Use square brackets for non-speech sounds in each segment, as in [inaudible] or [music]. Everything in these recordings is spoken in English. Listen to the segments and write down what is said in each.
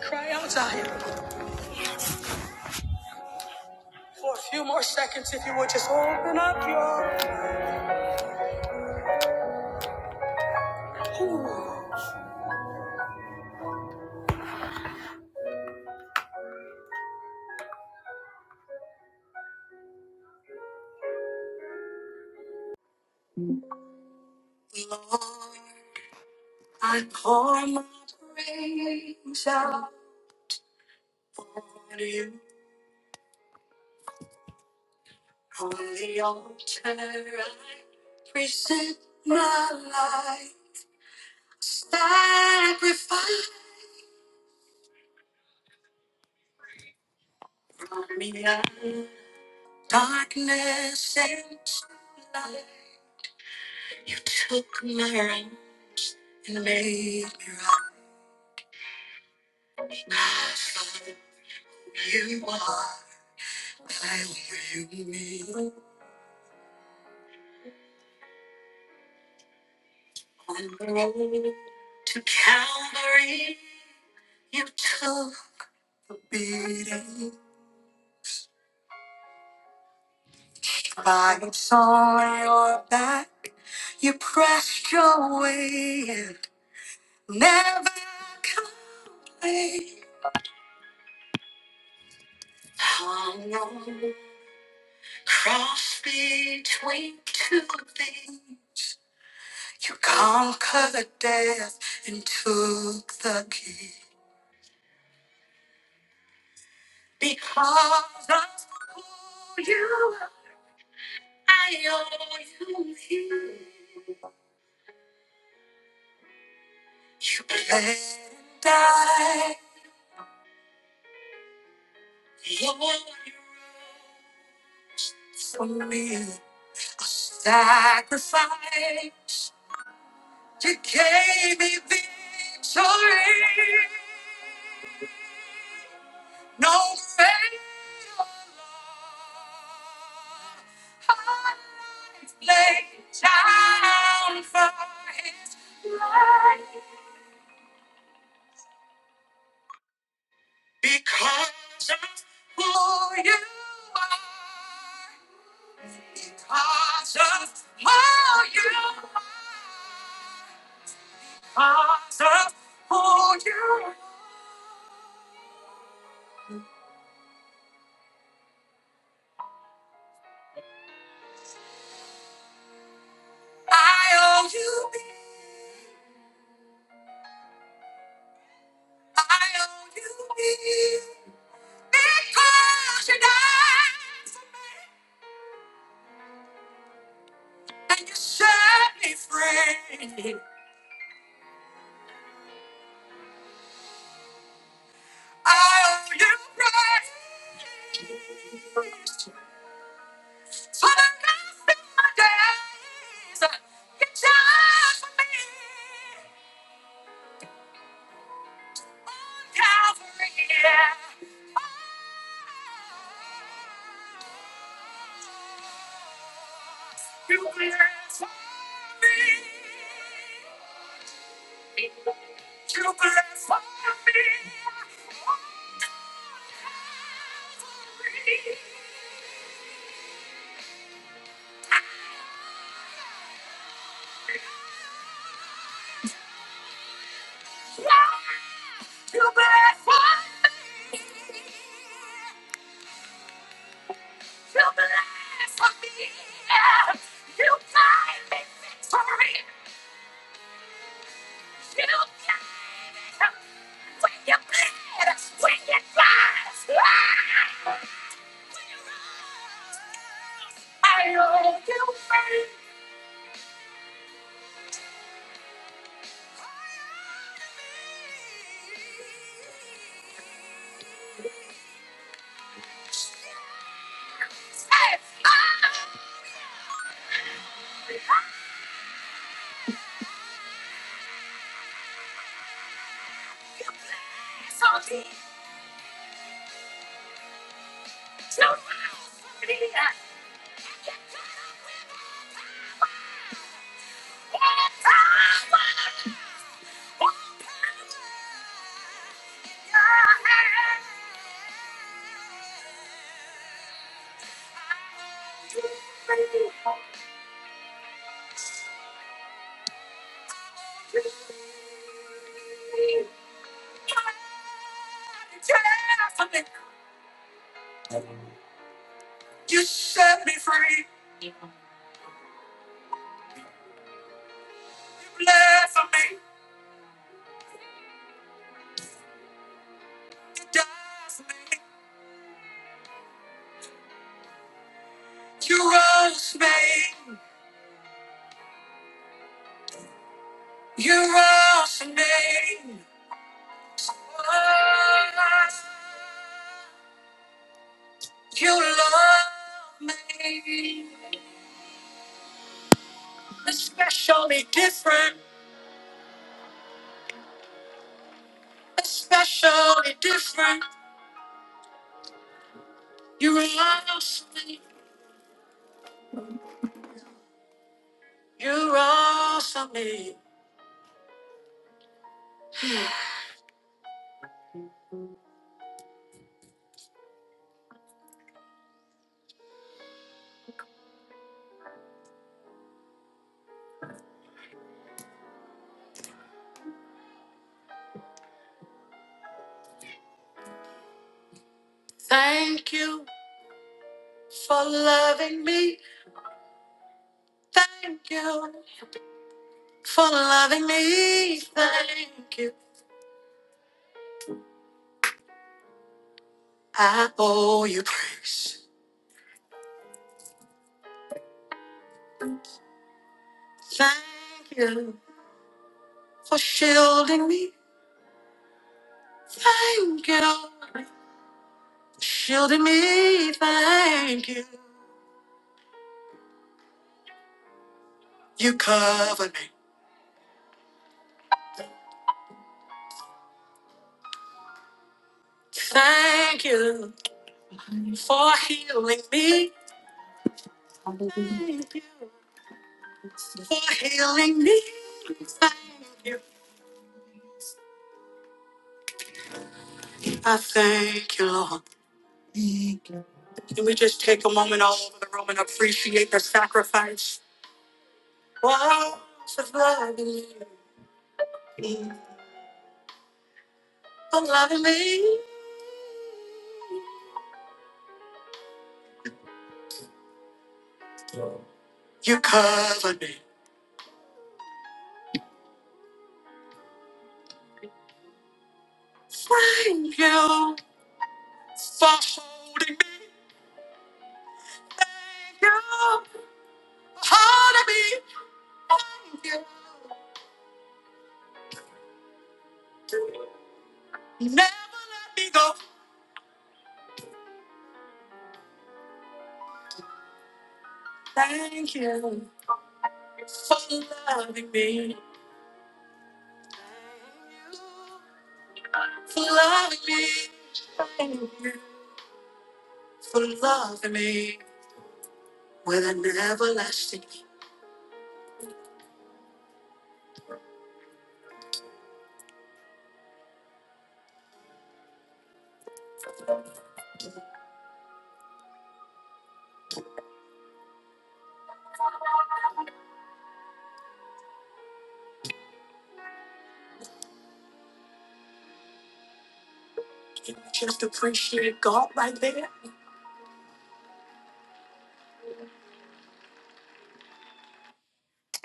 cry out to him for a few more seconds if you would just open up your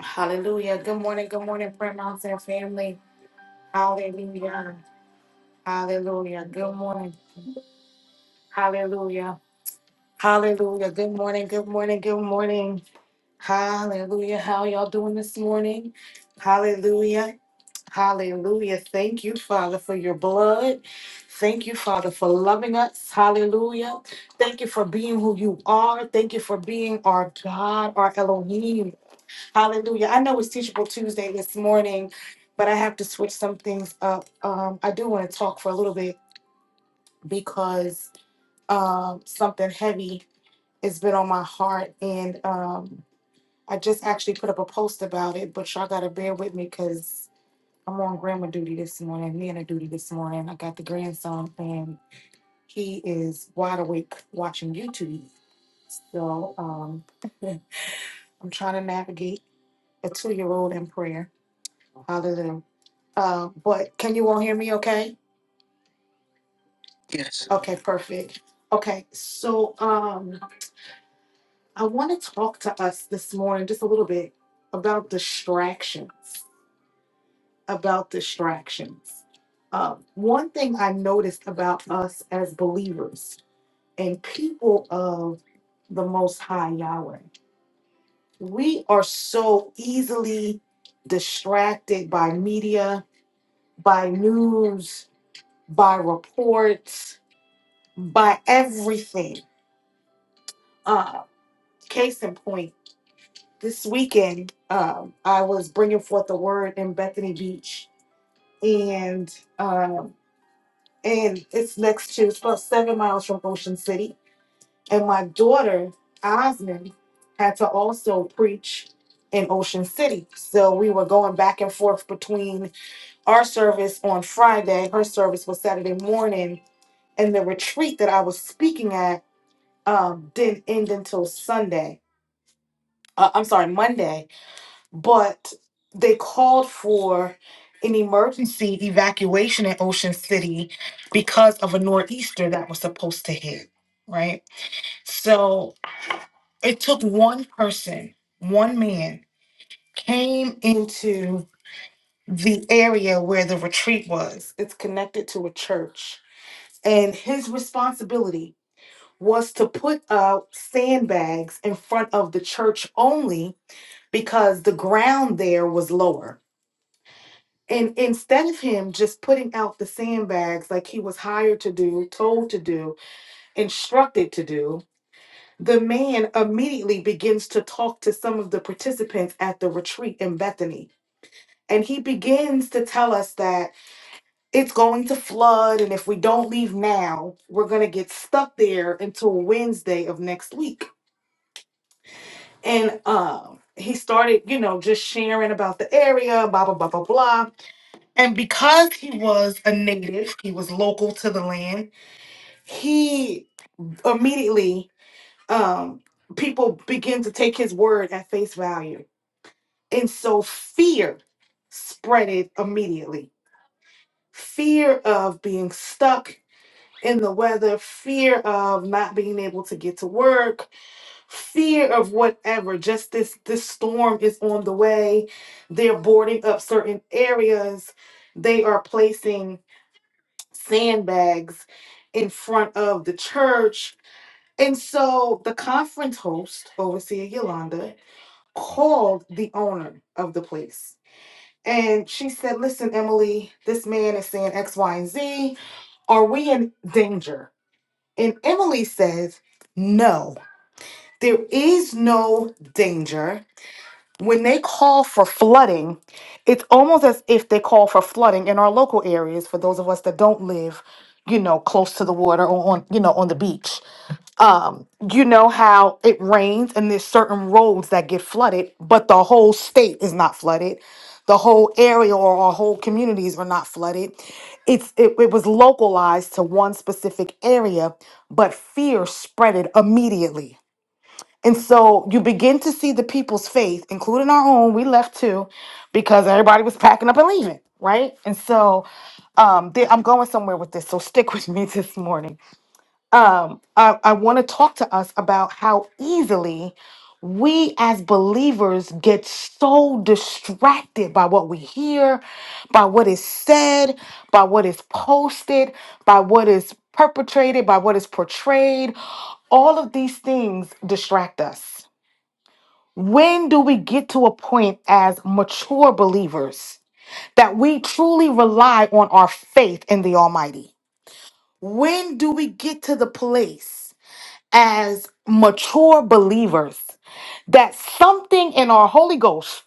hallelujah good morning good morning prayer mountain family hallelujah hallelujah good morning hallelujah hallelujah good morning good morning good morning hallelujah how y'all doing this morning hallelujah Hallelujah for loving us. Hallelujah. Thank you for being who you are. Thank you for being our God, our Elohim. Hallelujah. I know it's Teachable Tuesday this morning, but I have to switch some things up. Um, I do want to talk for a little bit because um, something heavy has been on my heart. And um, I just actually put up a post about it, but y'all got to bear with me because I'm on grandma duty this morning, nana duty this morning. I got the grandson, and he is wide awake watching YouTube. So um, [laughs] I'm trying to navigate a two year old in prayer. Hallelujah. Uh, but can you all hear me okay? Yes. Okay, perfect. Okay, so um, I want to talk to us this morning just a little bit about distractions. About distractions. Uh, one thing I noticed about us as believers and people of the Most High Yahweh, we are so easily distracted by media, by news, by reports by everything. Uh, case in point, this weekend um, I was bringing forth the word in Bethany Beach, and um, and it's next to it's about seven miles from Ocean City, and my daughter Osmond had to also preach in Ocean City, so we were going back and forth between our service on Friday, her service was Saturday morning, and the retreat that I was speaking at um, didn't end until Sunday uh, I'm sorry, Monday, but they called for an emergency evacuation in Ocean City because of a nor'easter that was supposed to hit, right? So it took one person, one man, came into the area where the retreat was. It's connected to a church. And his responsibility was to put out sandbags in front of the church only because the ground there was lower And instead of him just putting out the sandbags like he was hired to do, told to do, instructed to do, the man immediately begins to talk to some of the participants at the retreat in Bethany. And he begins to tell us that it's going to flood, and if we don't leave now, we're going to get stuck there until Wednesday of next week. And um, he started, you know, just sharing about the area, blah, blah, blah, blah, blah. And because he was a native, he was local to the land, he immediately um people began to take his word at face value. And so fear spread it immediately. Fear of being stuck in the weather, fear of not being able to get to work, fear of whatever, just this this storm is on the way. They're boarding up certain areas. They are placing sandbags in front of the church. And so the conference host, Overseer Yolanda, called the owner of the place. And she said, Listen, Emily, this man is saying X, Y, and Z. Are we in danger? And Emily says, No, there is no danger when they call for flooding, it's almost as if they call for flooding in our local areas for those of us that don't live, you know, close to the water or on, you know, on the beach. Um, you know how it rains and there's certain roads that get flooded, but the whole state is not flooded. The whole area or our whole communities are not flooded. It's it, it was localized to one specific area, but fear spread it immediately and so you begin to see the people's faith, including our own. We left too because everybody was packing up and leaving, right? And so um, there- I'm going somewhere with this. So stick [laughs] with me this morning. Um, I, I want to talk to us about how easily we as believers get so distracted by what we hear, by what is said, by what is posted, by what is perpetrated, by what is portrayed. All of these things distract us when do we get to a point as mature believers that we truly rely on our faith in the Almighty? When do we get to the place as mature believers that something in our Holy Ghost,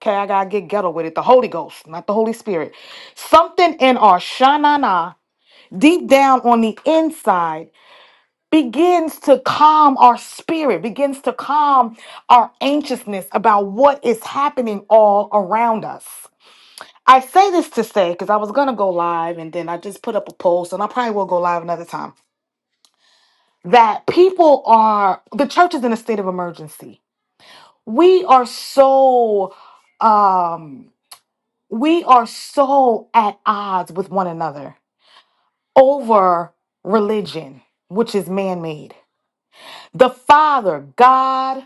okay, I gotta get ghetto with it, the Holy Ghost, not the Holy Spirit, something in our shanana, deep down on the inside begins to calm our spirit, begins to calm our anxiousness about what is happening all around us. I say this to say, because I was going to go live and then I just put up a post, and I probably will go live another time, that people are, the church is in a state of emergency. We are so, um, we are so at odds with one another over religion, which is man made. The Father, God,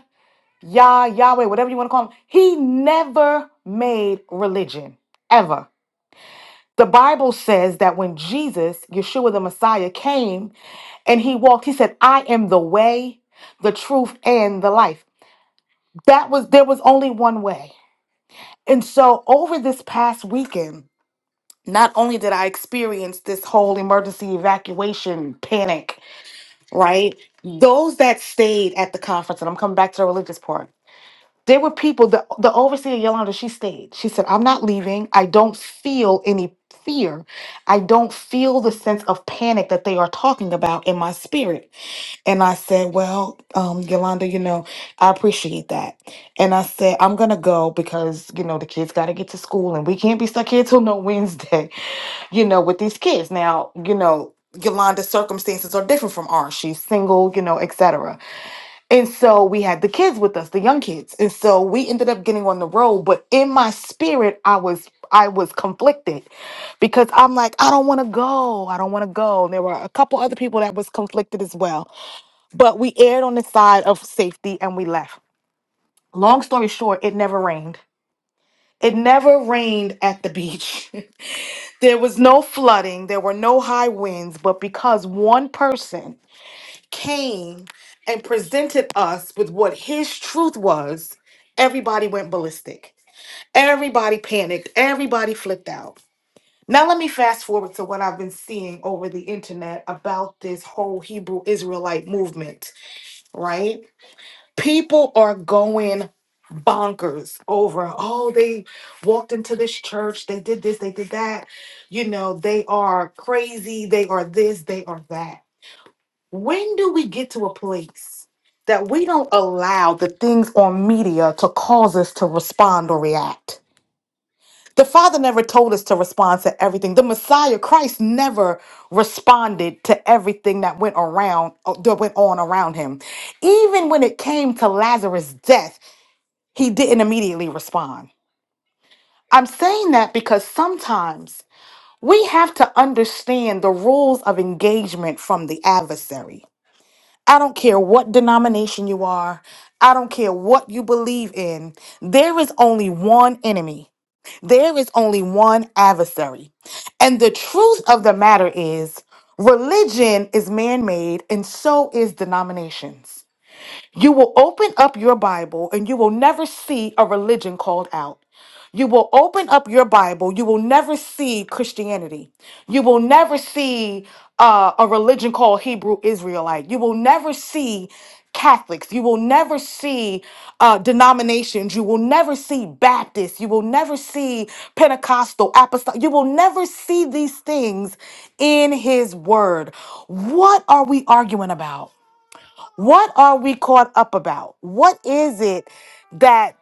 Yah, Yahweh, whatever you want to call him. He never made religion, ever. The Bible says that when Jesus, Yeshua the Messiah, came and he walked, he said, I am the way, the truth, and the life. That was, there was only one way. And so over this past weekend, not only did I experience this whole emergency evacuation panic, right? Those that stayed at the conference, and I'm coming back to the religious part There were people, the, the overseer Yolanda, she stayed. She said, I'm not leaving. I don't feel any fear. I don't feel the sense of panic that they are talking about in my spirit. And I said, Well, um, Yolanda, you know, I appreciate that. And I said, I'm going to go because, you know, the kids got to get to school and we can't be stuck here till no Wednesday, [laughs] you know, with these kids. Now, you know, Yolanda's circumstances are different from ours. She's single, you know, et cetera. And so we had the kids with us, the young kids. And so we ended up getting on the road, but in my spirit I was I was conflicted because I'm like I don't want to go. I don't want to go. And there were a couple other people that was conflicted as well. But we aired on the side of safety and we left. Long story short, it never rained. It never rained at the beach. [laughs] there was no flooding, there were no high winds, but because one person came and presented us with what his truth was, everybody went ballistic. Everybody panicked. Everybody flipped out. Now, let me fast forward to what I've been seeing over the internet about this whole Hebrew Israelite movement, right? People are going bonkers over, oh, they walked into this church, they did this, they did that. You know, they are crazy, they are this, they are that when do we get to a place that we don't allow the things on media to cause us to respond or react? The Father never told us to respond to everything. The Messiah Christ never responded to everything that went around uh, that went on around him. Even when it came to Lazarus' death, he didn't immediately respond. I'm saying that because sometimes we have to understand the rules of engagement from the adversary. I don't care what denomination you are. I don't care what you believe in. There is only one enemy. There is only one adversary. And the truth of the matter is, religion is man made, and so is denominations. You will open up your Bible and you will never see a religion called out. You will open up your Bible, you will never see Christianity. You will never see uh, a religion called Hebrew Israelite. You will never see Catholics. You will never see uh, denominations. You will never see Baptists. You will never see Pentecostal, Apostolic. You will never see these things in His Word. What are we arguing about? What are we caught up about? What is it that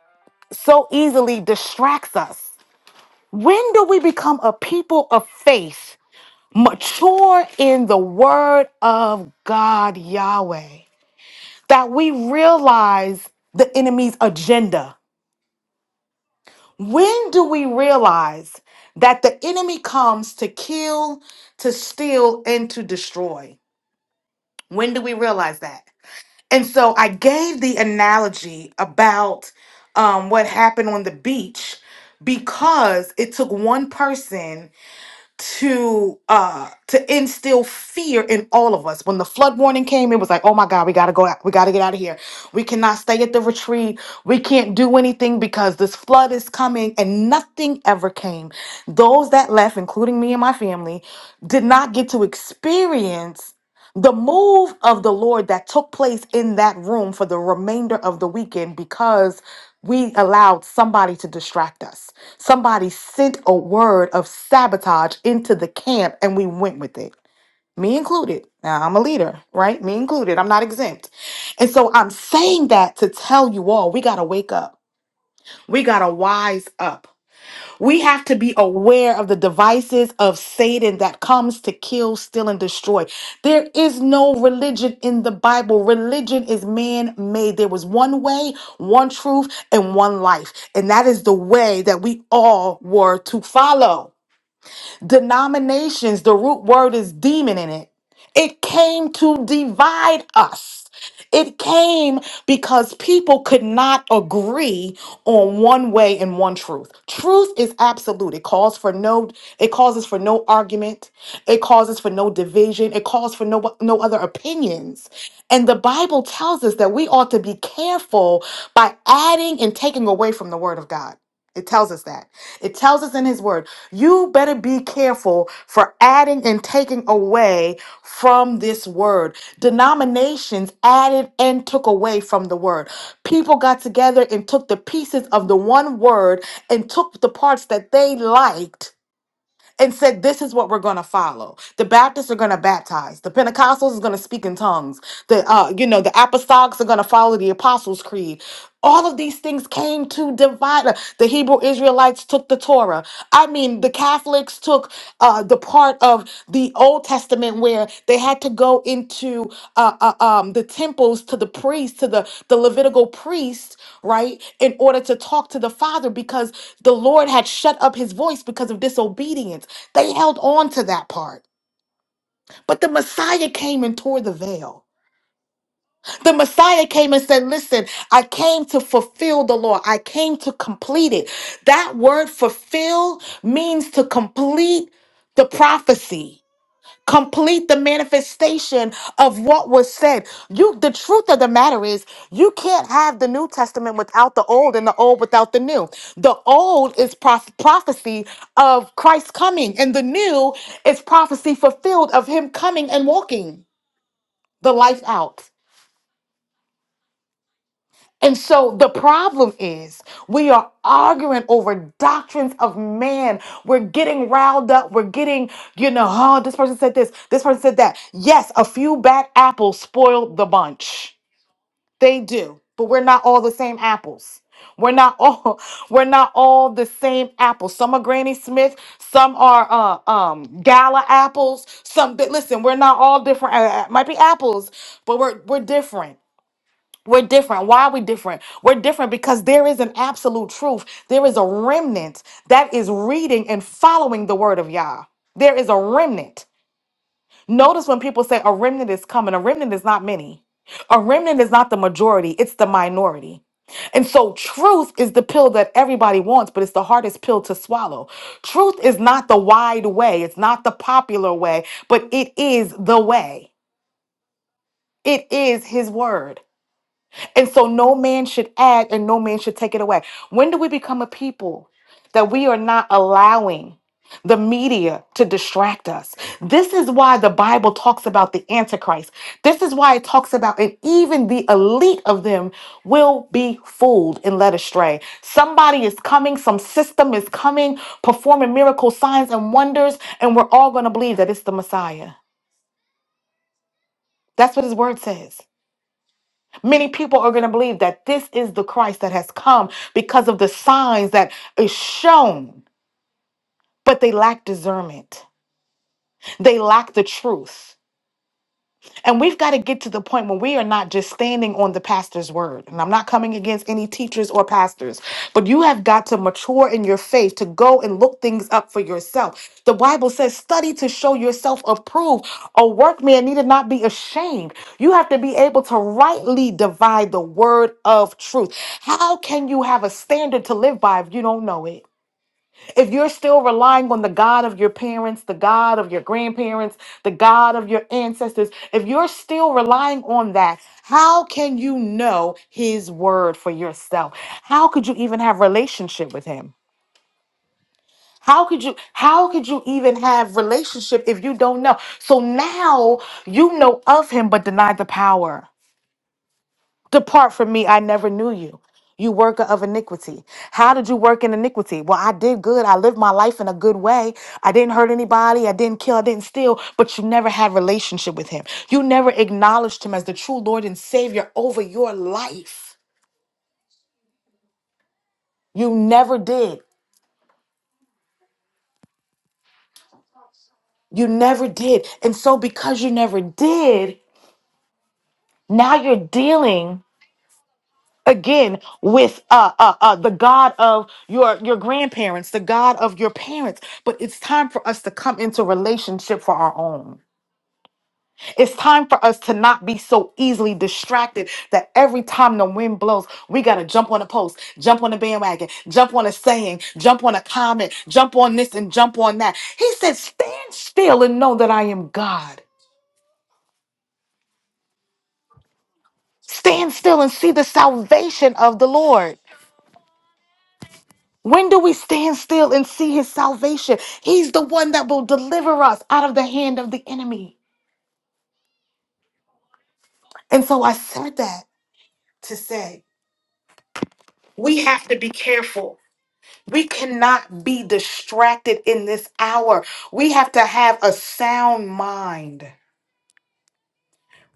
so easily distracts us? When do we become a people of faith, mature in the word of God, Yahweh, that we realize the enemy's agenda? When do we realize that the enemy comes to kill, to steal, and to destroy? When do we realize that? And so I gave the analogy about um, what happened on the beach because it took one person to uh to instill fear in all of us when the flood warning came it was like oh my god we got to go out we got to get out of here we cannot stay at the retreat we can't do anything because this flood is coming and nothing ever came those that left including me and my family did not get to experience the move of the Lord that took place in that room for the remainder of the weekend because we allowed somebody to distract us. Somebody sent a word of sabotage into the camp and we went with it. Me included. Now I'm a leader, right? Me included. I'm not exempt. And so I'm saying that to tell you all we got to wake up. We got to wise up. We have to be aware of the devices of Satan that comes to kill, steal, and destroy. There is no religion in the Bible. Religion is man made. There was one way, one truth, and one life. And that is the way that we all were to follow. Denominations, the root word is demon in it. It came to divide us. It came because people could not agree on one way and one truth. Truth is absolute. It calls for no it causes for no argument. It causes for no division. It calls for no no other opinions. And the Bible tells us that we ought to be careful by adding and taking away from the word of God. It tells us that. It tells us in his word, you better be careful for adding and taking away from this word. Denominations added and took away from the word. People got together and took the pieces of the one word and took the parts that they liked and said, This is what we're going to follow. The Baptists are going to baptize. The Pentecostals is going to speak in tongues. The, uh, you know, the apostolics are going to follow the Apostles' Creed. All of these things came to divide. The Hebrew Israelites took the Torah. I mean, the Catholics took uh, part of the Old Testament where they had to go into uh, uh, um, the temples to the priests, to the, the Levitical priests, right, in order to talk to the Father because the Lord had shut up his voice because of disobedience. They held on to that part. But the Messiah came and tore the veil. The Messiah came and said, Listen, I came to fulfill the law. I came to complete it. That word fulfill means to complete the prophecy complete the manifestation of what was said. You the truth of the matter is you can't have the New Testament without the old and the old without the new. The old is proph- prophecy of Christ coming and the new is prophecy fulfilled of him coming and walking the life out. And so the problem is we are arguing over doctrines of man. We're getting riled up. We're getting, you know, oh, this person said this, this person said that. Yes, a few bad apples spoil the bunch. They do. But we're not all the same apples. We're not all [laughs] we're not all the same apples. Some are Granny Smith, some are uh, um gala apples, some but listen, we're not all different. Uh, uh, might be apples, but we're we're different. We're different. Why are we different? We're different because there is an absolute truth. There is a remnant that is reading and following the word of Yah. There is a remnant. Notice when people say a remnant is coming, a remnant is not many. A remnant is not the majority, it's the minority. And so, truth is the pill that everybody wants, but it's the hardest pill to swallow. Truth is not the wide way, it's not the popular way, but it is the way. It is His word. And so no man should add and no man should take it away. When do we become a people that we are not allowing the media to distract us? This is why the Bible talks about the Antichrist. This is why it talks about, and even the elite of them will be fooled and led astray. Somebody is coming, some system is coming, performing miracle signs and wonders, and we're all going to believe that it's the Messiah. That's what his word says. Many people are going to believe that this is the Christ that has come because of the signs that is shown, but they lack discernment. They lack the truth. And we've got to get to the point where we are not just standing on the pastor's word. And I'm not coming against any teachers or pastors, but you have got to mature in your faith to go and look things up for yourself. The Bible says, study to show yourself approved. A workman needed not be ashamed. You have to be able to rightly divide the word of truth. How can you have a standard to live by if you don't know it? if you're still relying on the God of your parents, the God of your grandparents, the God of your ancestors, if you're still relying on that, how can you know his word for yourself? How could you even have relationship with him? How could you how could you even have relationship if you don't know? So now you know of him but deny the power. Depart from me, I never knew you. You worker of iniquity. How did you work in iniquity? Well, I did good. I lived my life in a good way. I didn't hurt anybody. I didn't kill. I didn't steal. But you never had relationship with him. You never acknowledged him as the true Lord and Savior over your life. You never did. You never did. And so because you never did, now you're dealing again with uh, uh, uh, the God of your your grandparents, the God of your parents. But it's time for us to come into relationship for our own. It's time for us to not be so easily distracted that every time the wind blows, we gotta jump on a post, jump on a bandwagon, jump on a saying, jump on a comment, jump on this and jump on that. He said, "Stand still and know that I am God." Stand still and see the salvation of the Lord. When do we stand still and see his salvation? He's the one that will deliver us out of the hand of the enemy. And so I said that to say we have to be careful. We cannot be distracted in this hour. We have to have a sound mind.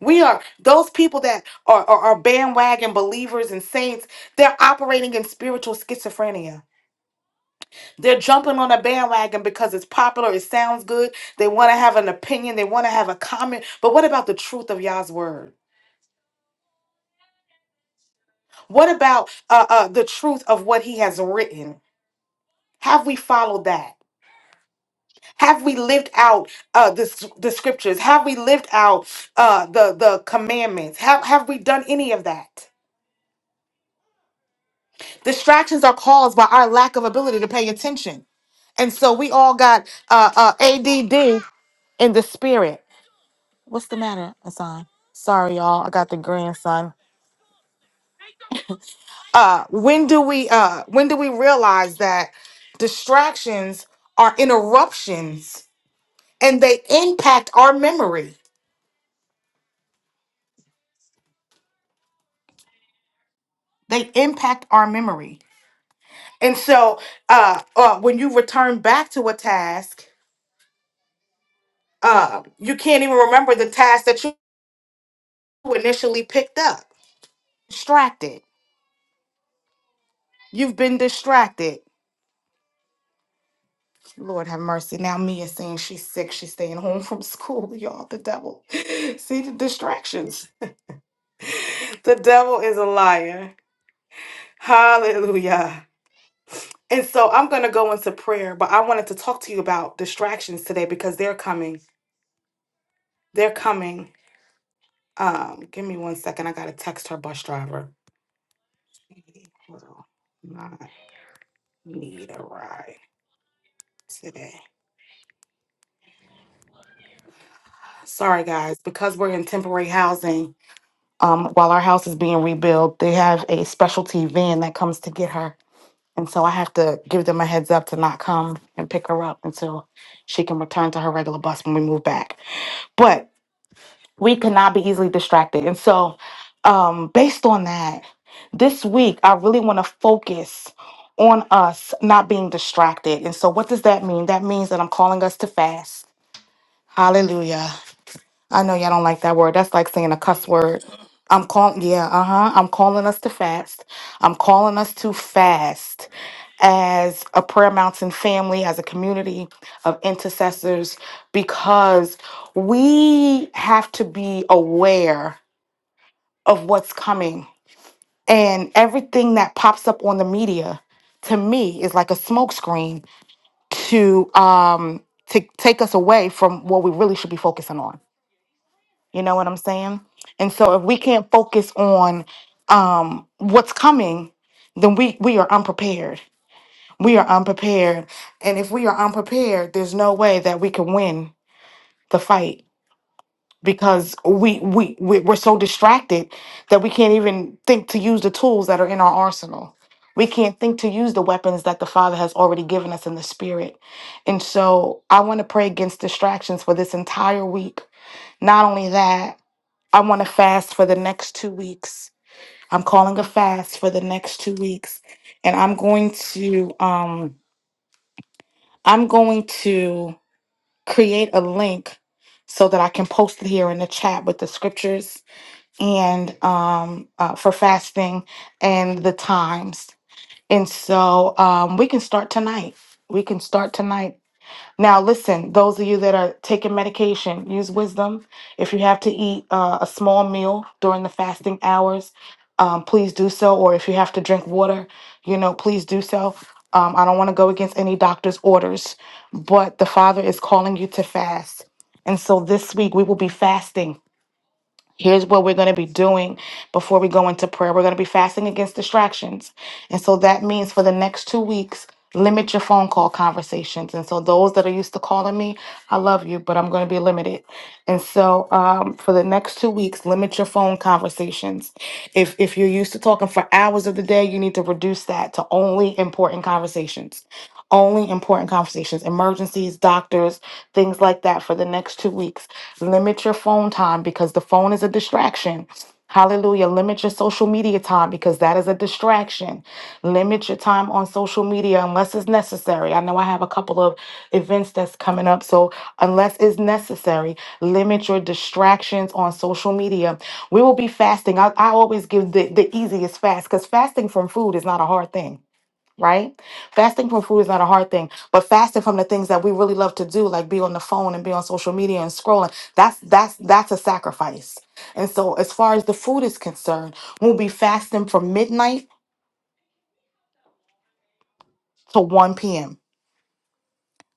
We are those people that are, are, are bandwagon believers and saints, they're operating in spiritual schizophrenia They're jumping on a bandwagon because it's popular, it sounds good. They want to have an opinion, they want to have a comment. But what about the truth of Yah's word? What about uh, uh, the truth of what he has written? Have we followed that? Have we lived out uh, the, s- the scriptures? Have we lived out uh, the, the commandments? Have, have we done any of that? Distractions are caused by our lack of ability to pay attention. And so we all got uh, uh, ADD in the spirit. What's the matter, Hassan? Sorry, y'all. I got the grandson. Uh, when do we uh when do we realize that distractions are interruptions and they impact our memory? They impact our memory. And so uh, uh when you return back to a task, uh you can't even remember the task that you initially picked up. Distracted. You've been distracted. Lord have mercy. Now Mia's saying she's sick. She's staying home from school. [laughs] Y'all, the devil. [laughs] See the distractions. [laughs] The devil is a liar. Hallelujah. And so I'm going to go into prayer, but I wanted to talk to you about distractions today because they're coming. They're coming. Um, give me one second. I got to text her bus driver. Hold on. I need a ride today. Sorry, guys, because we're in temporary housing. um, while our house is being rebuilt, they have a specialty van that comes to get her. And so I have to give them a heads up to not come and pick her up until she can return to her regular bus when we move back. But we cannot be easily distracted. And so, um, based on that, this week I really want to focus on us not being distracted. And so, what does that mean? That means that I'm calling us to fast. Hallelujah. I know y'all don't like that word. That's like saying a cuss word. I'm calling, yeah, uh huh. I'm calling us to fast. I'm calling us to fast as a Prayer Mountain family, as a community of intercessors, because we have to be aware of what's coming. And everything that pops up on the media to me is like a smokescreen to um to take us away from what we really should be focusing on you know what I'm saying? And so if we can't focus on um, what's coming, then we we are unprepared. We are unprepared. And if we are unprepared, there's no way that we can win the fight because we we we- we're so distracted that we can't even think to use the tools that are in our arsenal. We can't think to use the weapons that the Father has already given us in the spirit. And so I want to pray against distractions for this entire week. Not only that, I want to fast for the next two weeks. I'm calling a fast for the next two weeks, and I'm going to um I'm going to create a link so that I can post it here in the chat with the scriptures and um uh, for fasting and the times. And so um we can start tonight. We can start tonight Now, listen, those of you that are taking medication, use wisdom. If you have to eat uh, a small meal during the fasting hours, um, please do so. Or if you have to drink water, you know, please do so. Um, I don't want to go against any doctor's orders, but the Father is calling you to fast. And so this week we will be fasting Here's what we're going to be doing before we go into prayer. We're going to be fasting against distractions. And so that means for the next two weeks, limit your phone call conversations. And so those that are used to calling me, I love you, but I'm going to be limited. And so um, for the next two weeks, limit your phone conversations. If, if you're used to talking for hours of the day, you need to reduce that to only important conversations. Only important conversations, emergencies, doctors, things like that for the next two weeks. Limit your phone time because the phone is a distraction. Hallelujah. Limit your social media time because that is a distraction. Limit your time on social media unless it's necessary. I know I have a couple of events that's coming up. So, unless it's necessary, limit your distractions on social media. We will be fasting. I, I always give the, the easiest fast because fasting from food is not a hard thing right? Fasting from food is not a hard thing, but fasting from the things that we really love to do, like be on the phone and be on social media and scrolling, that's that's that's a sacrifice. And so as far as the food is concerned, we'll be fasting from midnight to 1 p.m.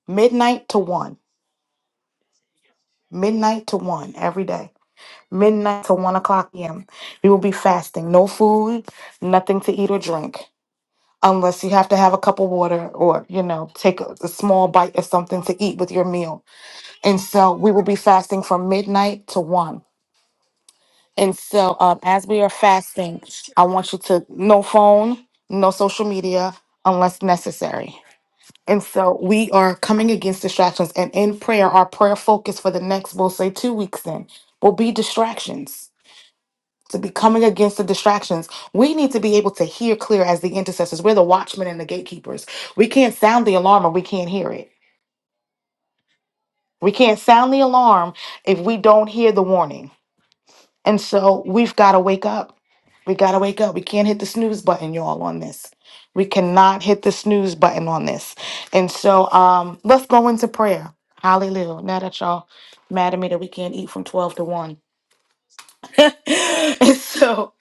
Midnight to 1. Midnight to 1 every day. Midnight to 1 o'clock p.m. We will be fasting. No food, nothing to eat or drink. Unless you have to have a cup of water or, you know, take a, a small bite of something to eat with your meal And so we will be fasting from midnight to one. And so um, as we are fasting, I want you to no phone, no social media unless necessary. And so we are coming against distractions. And in prayer, our prayer focus for the next, we'll say two weeks in, will be distractions. To be coming against the distractions, we need to be able to hear clear as the intercessors. We're the watchmen and the gatekeepers. We can't sound the alarm or we can't hear it. We can't sound the alarm if we don't hear the warning. And so we've got to wake up. We got to wake up. We can't hit the snooze button, y'all, on this. We cannot hit the snooze button on this. And so um, let's go into prayer. Hallelujah. Now that y'all mad at me that we can't eat from 12 to 1. [laughs] and so,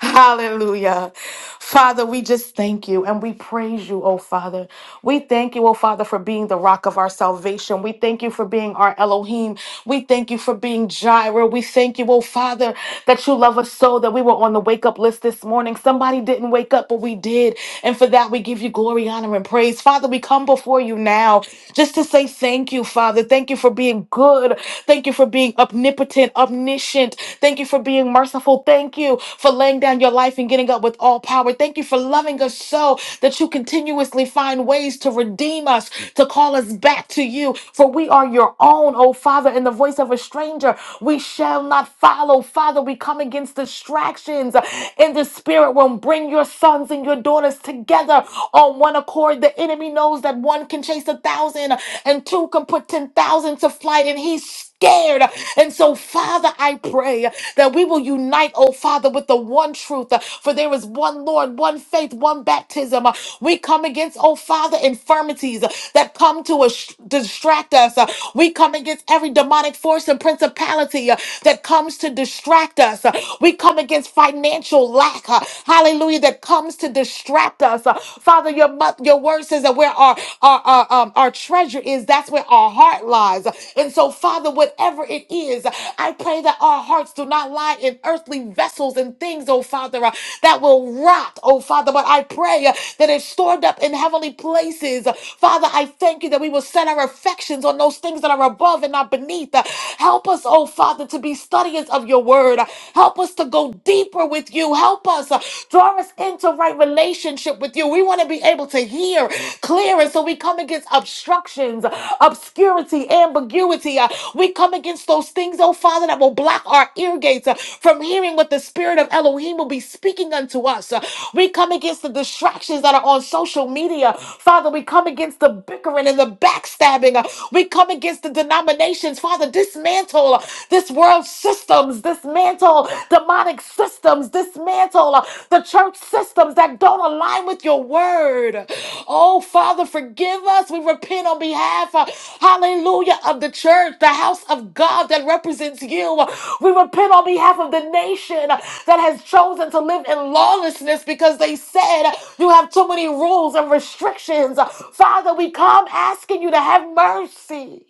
hallelujah. Father, we just thank you and we praise you, oh Father. We thank you, oh Father, for being the rock of our salvation. We thank you for being our Elohim. We thank you for being Jireh. We thank you, oh Father, that you love us so that we were on the wake up list this morning. Somebody didn't wake up, but we did. And for that, we give you glory, honor, and praise. Father, we come before you now just to say thank you, Father. Thank you for being good. Thank you for being omnipotent, omniscient. Thank you for being merciful. Thank you for laying down your life and getting up with all power. Thank you for loving us so that you continuously find ways to redeem us, to call us back to you. For we are your own, oh Father, in the voice of a stranger. We shall not follow. Father, we come against distractions in the spirit realm. Bring your sons and your daughters together on one accord. The enemy knows that one can chase a thousand. 10,000 and two can put 10,000 to flight and he's scared. And so, Father, I pray that we will unite, oh Father, with the one truth, for there is one Lord, one faith, one baptism. We come against, oh Father, infirmities that come to us- distract us. We come against every demonic force and principality uh, that comes to distract us. We come against financial lack, uh, hallelujah, that comes to distract us. Father, your, mu- your word says that where our, our, our, um, our treasure is, that's where our heart lies. And so, Father, whatever it is, I pray that our hearts do not lie in earthly vessels and things, oh Father, uh, that will rot, oh Father. But I pray uh, that it's stored up in heavenly places. Father, I thank you that we will set our affections on those things that are above and not beneath. Uh, Help us, oh Father, to be studiers of your word. Uh, Help us to go deeper with you you. Help us. uh, Draw us into right relationship with you. We want to be able to hear clear. And so we come against obstructions, obscurity, ambiguity. Uh, We come against those things, oh Father, that will block our ear gates uh, from hearing what the Spirit of Elohim will be speaking unto us. Uh, We come against the distractions that are on social media. Father, we come against the bickering and the backstabbing. Uh, We come against the denominations. Father, dismantle uh, this world systems, dismantle demonic systems, dismantle uh, the church systems that don't align with your word. Oh, Father, forgive us. We repent on behalf, uh, hallelujah, of the church, the house of God that represents you. We repent on behalf of the nation that has chosen to live in lawlessness because they said you have too many rules and restrictions. Father, we come asking you to have mercy.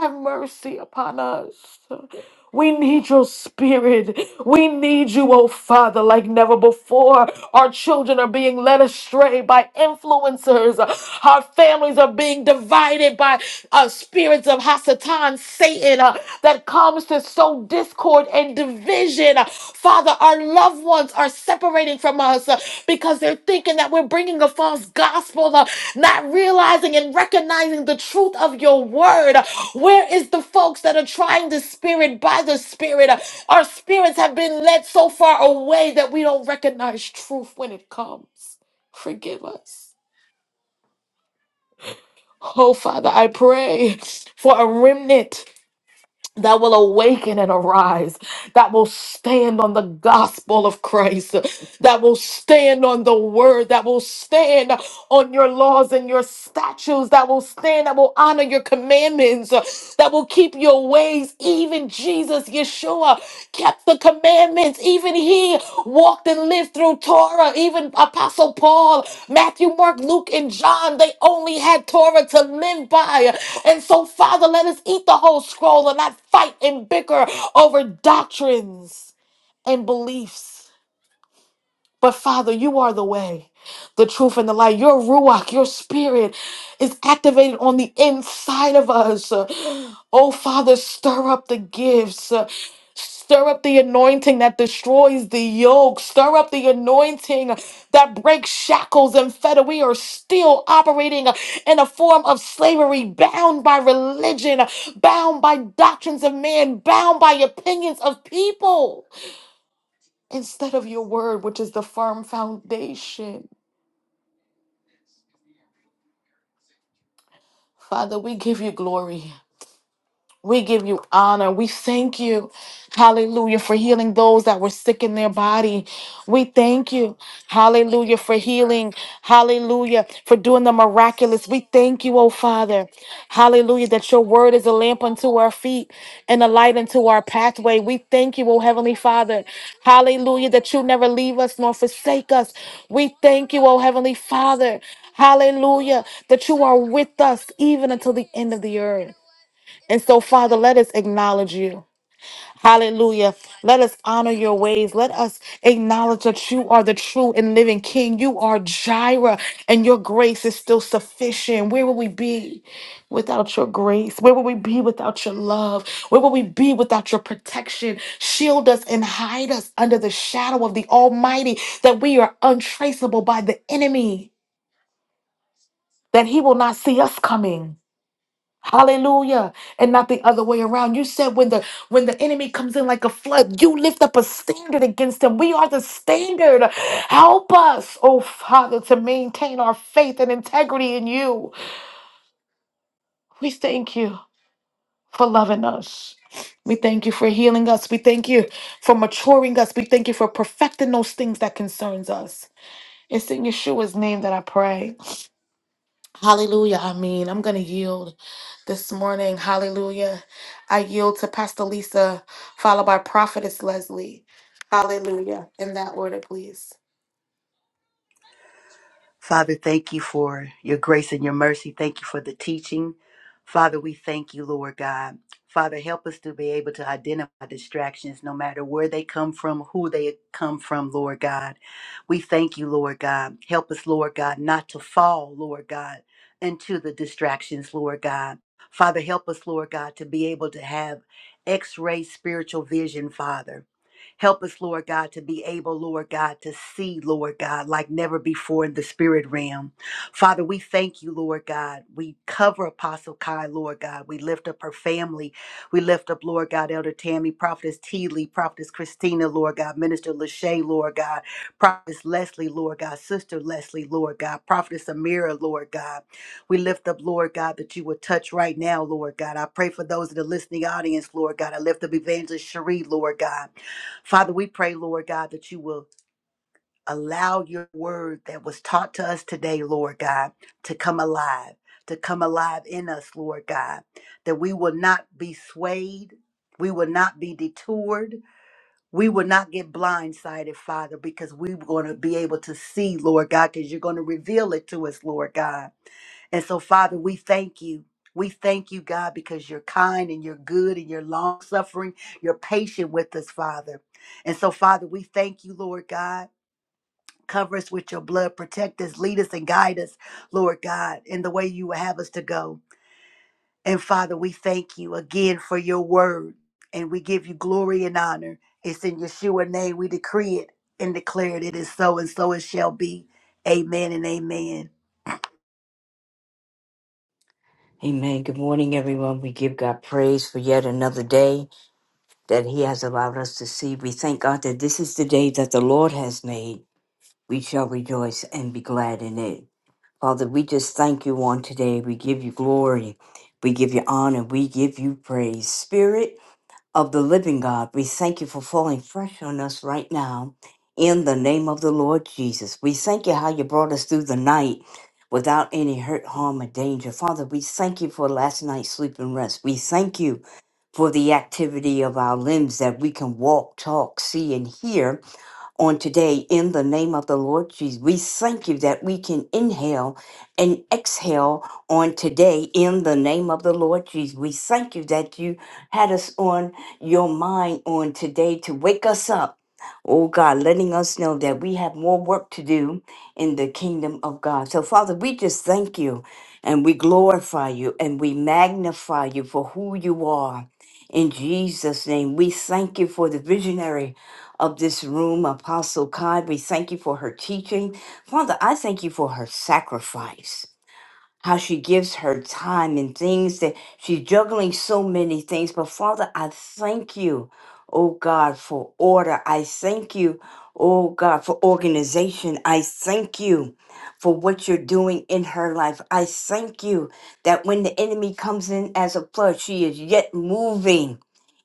Have mercy upon us. We need your spirit. We need you, oh Father, like never before. Our children are being led astray by influencers. Our families are being divided by uh, spirits of Hasatan, Satan, uh, that comes to sow discord and division Father, our loved ones are separating from us uh, because they're thinking that we're bringing a false gospel, uh, not realizing and recognizing the truth of your word. Where is the folks that are trying the spirit by the spirit? Our spirits have been led so far away that we don't recognize truth when it comes. Forgive us. Oh, Father, I pray for a remnant that will awaken and arise, that will stand on the gospel of Christ, that will stand on the word, that will stand on your laws and your statutes, that will stand, that will honor your commandments, that will keep your ways. Even Jesus, Yeshua, kept the commandments. Even he walked and lived through Torah. Even Apostle Paul, Matthew, Mark, Luke, and John, they only had Torah to live by. And so, Father, let us eat the whole scroll and not fight and bicker over doctrines and beliefs. But Father, you are the way, the truth, and the light. Your Ruach, your spirit is activated on the inside of us. Oh, Father, stir up the gifts. Stir up the anointing that destroys the yoke. Stir up the anointing that breaks shackles and fetter. We are still operating in a form of slavery, bound by religion, bound by doctrines of men, bound by opinions of people instead of your word, which is the firm foundation. Father, we give you glory. We give you honor. We thank you, hallelujah, for healing those that were sick in their body. We thank you, hallelujah, for healing, hallelujah, for doing the miraculous. We thank you, oh Father, hallelujah, that your word is a lamp unto our feet and a light unto our pathway. We thank you, oh Heavenly Father, hallelujah, that you never leave us nor forsake us. We thank you, oh Heavenly Father, hallelujah, that you are with us even until the end of the earth. And so, Father, let us acknowledge you. Hallelujah. Let us honor your ways. Let us acknowledge that you are the true and living King. You are Jireh, and your grace is still sufficient. Where would we be without your grace? Where would we be without your love? Where would we be without your protection? Shield us and hide us under the shadow of the Almighty, that we are untraceable by the enemy, that he will not see us coming. Hallelujah. And not the other way around. You said when the when the enemy comes in like a flood, you lift up a standard against him. We are the standard. Help us, oh Father, to maintain our faith and integrity in you. We thank you for loving us. We thank you for healing us. We thank you for maturing us. We thank you for perfecting those things that concerns us. It's in Yeshua's name that I pray. Hallelujah. I mean, I'm going to yield this morning. Hallelujah. I yield to Pastor Lisa, followed by Prophetess Leslie. Hallelujah. In that order, please. Father, thank you for your grace and your mercy. Thank you for the teaching. Father, we thank you, Lord God. Father, help us to be able to identify distractions no matter where they come from, who they come from, Lord God. We thank you, Lord God. Help us, Lord God, not to fall, Lord God, into the distractions, Lord God. Father, help us, Lord God, to be able to have x ray spiritual vision, Father. Help us, Lord God, to be able, Lord God, to see, Lord God, like never before in the spirit realm. Father, we thank you, Lord God. We cover Apostle Kai, Lord God. We lift up her family. We lift up, Lord God, Elder Tammy, Prophetess T. Lee, Prophetess Christina, Lord God, Minister Lachey, Lord God, Prophetess Leslie, Lord God, Sister Leslie, Lord God, Prophetess Amira, Lord God. We lift up, Lord God, that you would touch right now, Lord God. I pray for those in the listening audience, Lord God. I lift up Evangelist Cherie, Lord God. Father, we pray, Lord God, that you will allow your word that was taught to us today, Lord God, to come alive, to come alive in us, Lord God, that we will not be swayed. We will not be detoured. We will not get blindsided, Father, because we're going to be able to see, Lord God, because you're going to reveal it to us, Lord God. And so, Father, we thank you. We thank you, God, because you're kind and you're good and you're long suffering. You're patient with us, Father. And so, Father, we thank you, Lord God. Cover us with your blood, protect us, lead us, and guide us, Lord God, in the way you would have us to go. And Father, we thank you again for your word, and we give you glory and honor. It's in Yeshua's name we decree it and declare it. It is so, and so it shall be. Amen and amen. Amen. Good morning, everyone. We give God praise for yet another day that He has allowed us to see. We thank God that this is the day that the Lord has made. We shall rejoice and be glad in it. Father, we just thank you on today. We give you glory. We give you honor. We give you praise. Spirit, of the living God. We thank you for falling fresh on us right now in the name of the Lord Jesus. We thank you how you brought us through the night without any hurt, harm, or danger. Father, we thank you for last night's sleep and rest. We thank you for the activity of our limbs that we can walk, talk, see, and hear on today in the name of the Lord Jesus. We thank you that we can inhale and exhale on today in the name of the Lord Jesus. We thank you that you had us on your mind on today to wake us up. Oh God, letting us know that we have more work to do in the kingdom of God. So, Father, we just thank you and we glorify you and we magnify you for who you are. In Jesus' name, we thank you for the visionary of this room, Apostle Cod. We thank you for her teaching. Father, I thank you for her sacrifice how she gives her time and things that she's juggling so many things. But Father, I thank you, oh God, for order. I thank you, oh God, for organization. I thank you for what you're doing in her life. I thank you that when the enemy comes in as a flood, she is yet moving.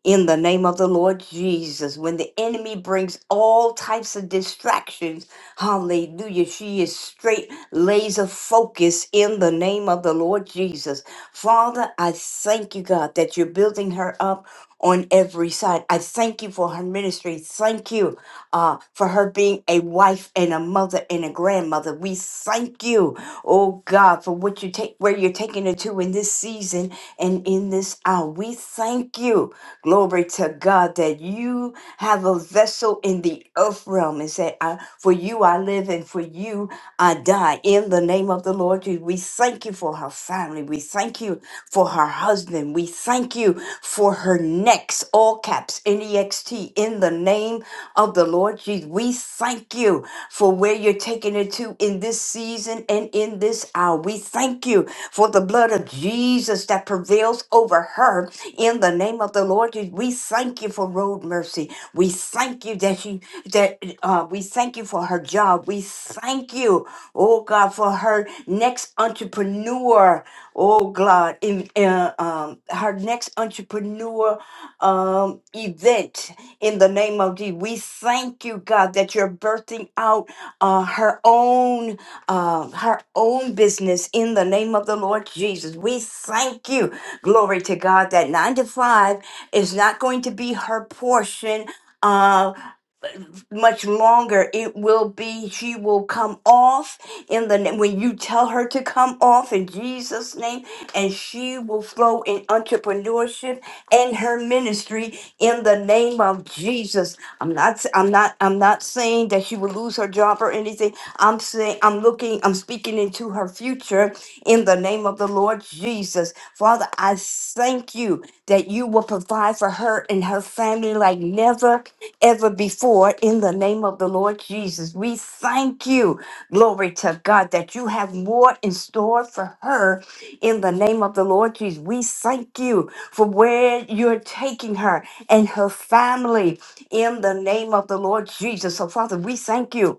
In the name of the Lord Jesus, when the enemy brings all types of distractions Hallelujah. She is straight laser focus in the name of the Lord Jesus. Father, I thank you, God, that you're building her up on every side. I thank you for her ministry. Thank you uh, for her being a wife and a mother and a grandmother. We thank you, oh God, for what you take, where you're taking her to in this season and in this hour. We thank you Glory to God that you have a vessel in the earth realm and say, I, For you I live and for you I die. In the name of the Lord Jesus, we thank you for her family. We thank you for her husband. We thank you for her next, all caps, N E X T, in the name of the Lord Jesus. We thank you for where you're taking it to in this season and in this hour. We thank you for the blood of Jesus that prevails over her in the name of the Lord Jesus. We thank you for road mercy. We thank you that she that uh, we thank you for her job. We thank you, oh God, for her next entrepreneur. Oh God, in uh, um, her next entrepreneur um, event in the name of Jesus. We thank you, God, that you're birthing out uh, her own um, her own business in the name of the Lord Jesus. We thank you, glory to God, that nine to five is not going to be her portion. Uh, much longer it will be she will come off in the na- when you tell her to come off in jesus name and she will flow in entrepreneurship and her ministry in the name of jesus i'm not i i'm not i'm not saying that she will lose her job or anything i'm saying i'm looking i'm speaking into into her future in the name of the Lord Jesus. Father, I thank you that you will provide for her and her family like never ever before in the name of the Lord Jesus. We thank you, glory to God, that you have more in store for her in the name of the Lord Jesus. We thank you for where you're taking her and her family in the name of the Lord Jesus. So, Father, we thank you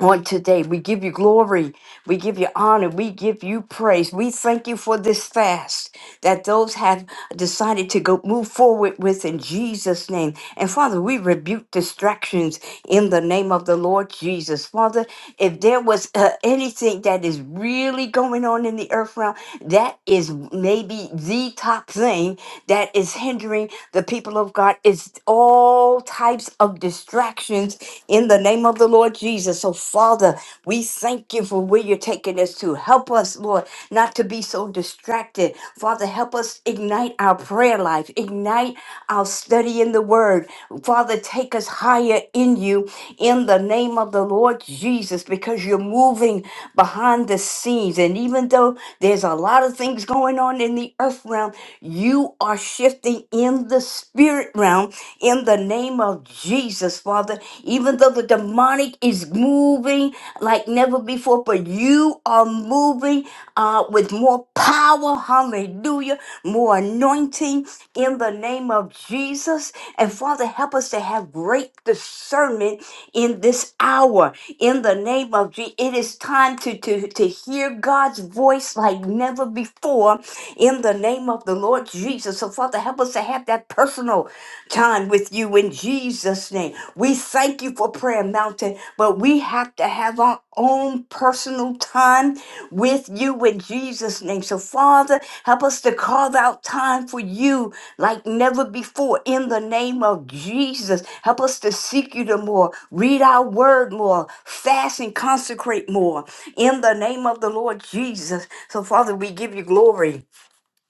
on today. We give you glory. We give you honor. We give you praise. We thank you for this fast that those have decided to go move forward with in Jesus' name. And Father, we rebuke distractions in the name of the Lord Jesus. Father, if there was uh, anything that is really going on in the earth realm, that is maybe the top thing that is hindering the people of God is all types of distractions in the name of the Lord Jesus. So, Father, we thank you for where you're taking us to. Help us, Lord, not to be so distracted. Father, help us ignite our prayer life, ignite our study in the word. Father, take us higher in you in the name of of the Lord Jesus because you're moving behind the scenes. And even though there's a lot of things going on in the earth realm, you are shifting in the spirit realm in the name of Jesus, Father. Even though the demonic is moving like never before, but you are moving uh, with more power. Hallelujah. More anointing in the name of Jesus. And Father, help us to have great discernment in this hour in the name of Jesus. It is time to, to, to hear God's voice like never before in the name of the Lord Jesus. So, Father, help us to have that personal time with you in Jesus' name. We thank you for Prayer Mountain, but we have to have our own personal time with you in Jesus' name. So, Father, help us to carve out time for you like never before in the name of Jesus. Help us to seek you to more, read our word more, fast and consecrate more in the name of the Lord Jesus. So, Father, we give you glory.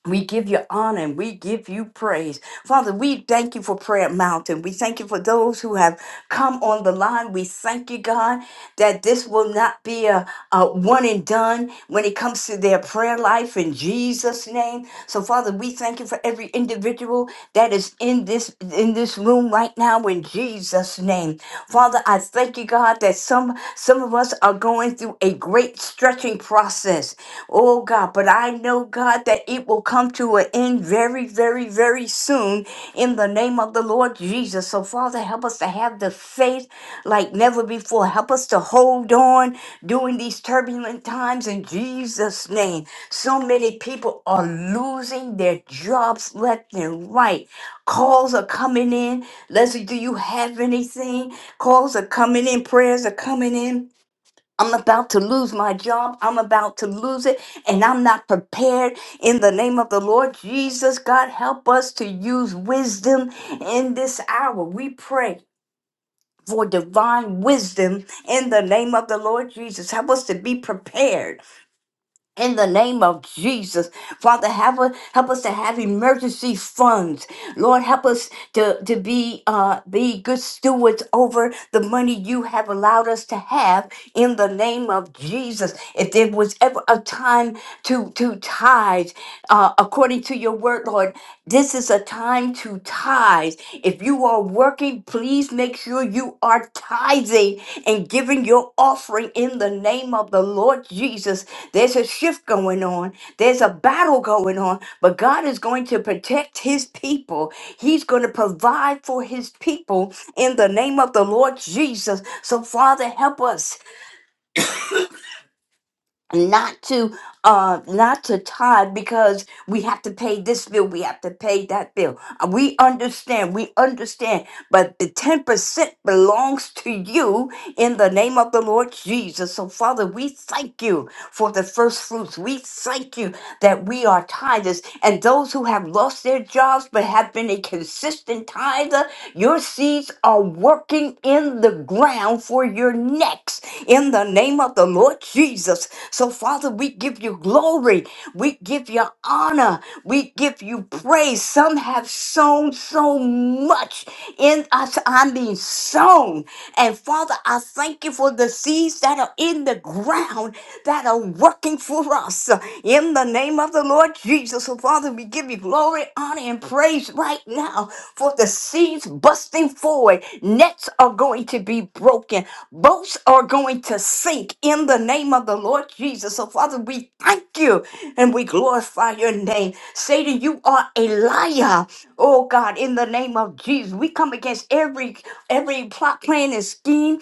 We give you honor and we give you praise. Father, we thank you for Prayer Mountain. We thank you for those who have come on the line. We thank you, God, that this will not be a, a one and done when it comes to their prayer life in Jesus' name. So, Father, we thank you for every individual that is in this in this room right now in Jesus' name. Father, I thank you, God, that some some of us are going through a great stretching process process. Oh God, but I know, God, that it will come to an end very, very, very soon in the name of the Lord Jesus. So, Father, help us to have the faith like never before. Help us to hold on during these turbulent times in Jesus' name. So many people are losing their jobs left and right. Calls are coming in. Leslie, do you have anything? Calls are coming in. Prayers are coming in I'm about to lose my job. I'm about to lose it. And I'm not prepared in the name of the Lord Jesus. God, help us to use wisdom in this hour. We pray for divine wisdom in the name of the Lord Jesus. Help us to be prepared in the name of Jesus, Father, have us, help us to have emergency funds. Lord, help us to, to be uh, be good stewards over the money you have allowed us to have in the name of Jesus. If there was ever a time to to tithe, uh, according to your word, Lord, this is a time to tithe. If you are working, please make sure you are tithing and giving your offering in the name of the Lord Jesus there's a shift going on. There's a battle going on, but God is going to protect his people. He's going to provide for his people in the name of the Lord Jesus. So, Father, help us not to uh not to tithe because we have to pay this bill we have to pay that bill Uh, we understand we understand but the 10% belongs to you in the name of the lord jesus so father we thank you for the first fruits we thank you that we are tithers and those who have lost their jobs but have been a consistent tither your seeds are working in the ground for your next in the name of the Lord Jesus. So, Father, we give you glory. We give you honor. We give you praise. Some have sown so much in us. I mean, sown. And Father, I thank you for the seeds that are in the ground that are working for us in the name of the Lord Jesus. So, Father, we give you receive glory, honor, and praise right now for the seeds busting forward. Nets are going to be broken. Boats are going to sink in the name of the Lord Jesus. So, Father, we thank you and we glorify your name. Satan, you are a liar. Oh God, in the name of Jesus, we come against every every plot, plan, and scheme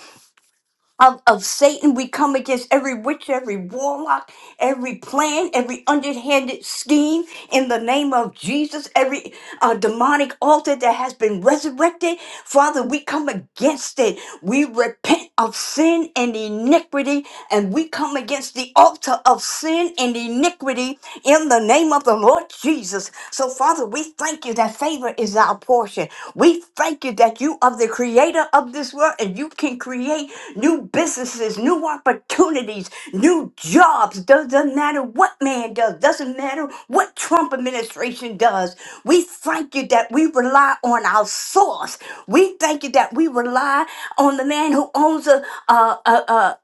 of, of Satan. We come against every witch, every warlock, every plan, every underhanded scheme in the name of Jesus, every uh, demonic altar that has been resurrected. Father, we come against it. We repent of sin and iniquity, and we come against the altar of sin and iniquity in the name of the Lord Jesus. So, Father, we thank you that favor is our portion. We thank you that you are the creator of this world and you can create new businesses, new opportunities, new jobs. Doesn't matter what man does, doesn't matter what Trump administration does. We thank you that we rely on our source. We thank you that we rely on the man who owns a, a, a,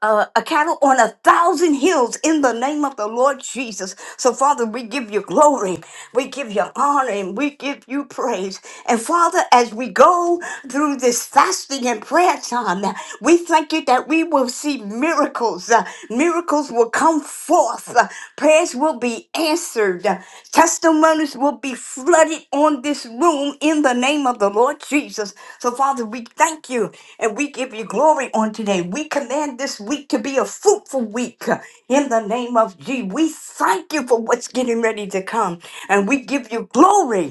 a, a a cattle on a thousand hills in the name of the Lord Jesus. So, Father, we give you glory, we give you honor, and we give you praise. And, Father, as we go through this fasting and prayer time, uh, we thank you that we will see miracles. uh, Miracles will come forth. uh, Prayers will be answered. uh, Testimonies will be flooded on this room in the name of the Lord Jesus. So, Father, we thank you and we give you glory on today. We command this week to be a fruitful week uh, in the name of Jesus. We thank you for what's getting ready to come and we give you glory.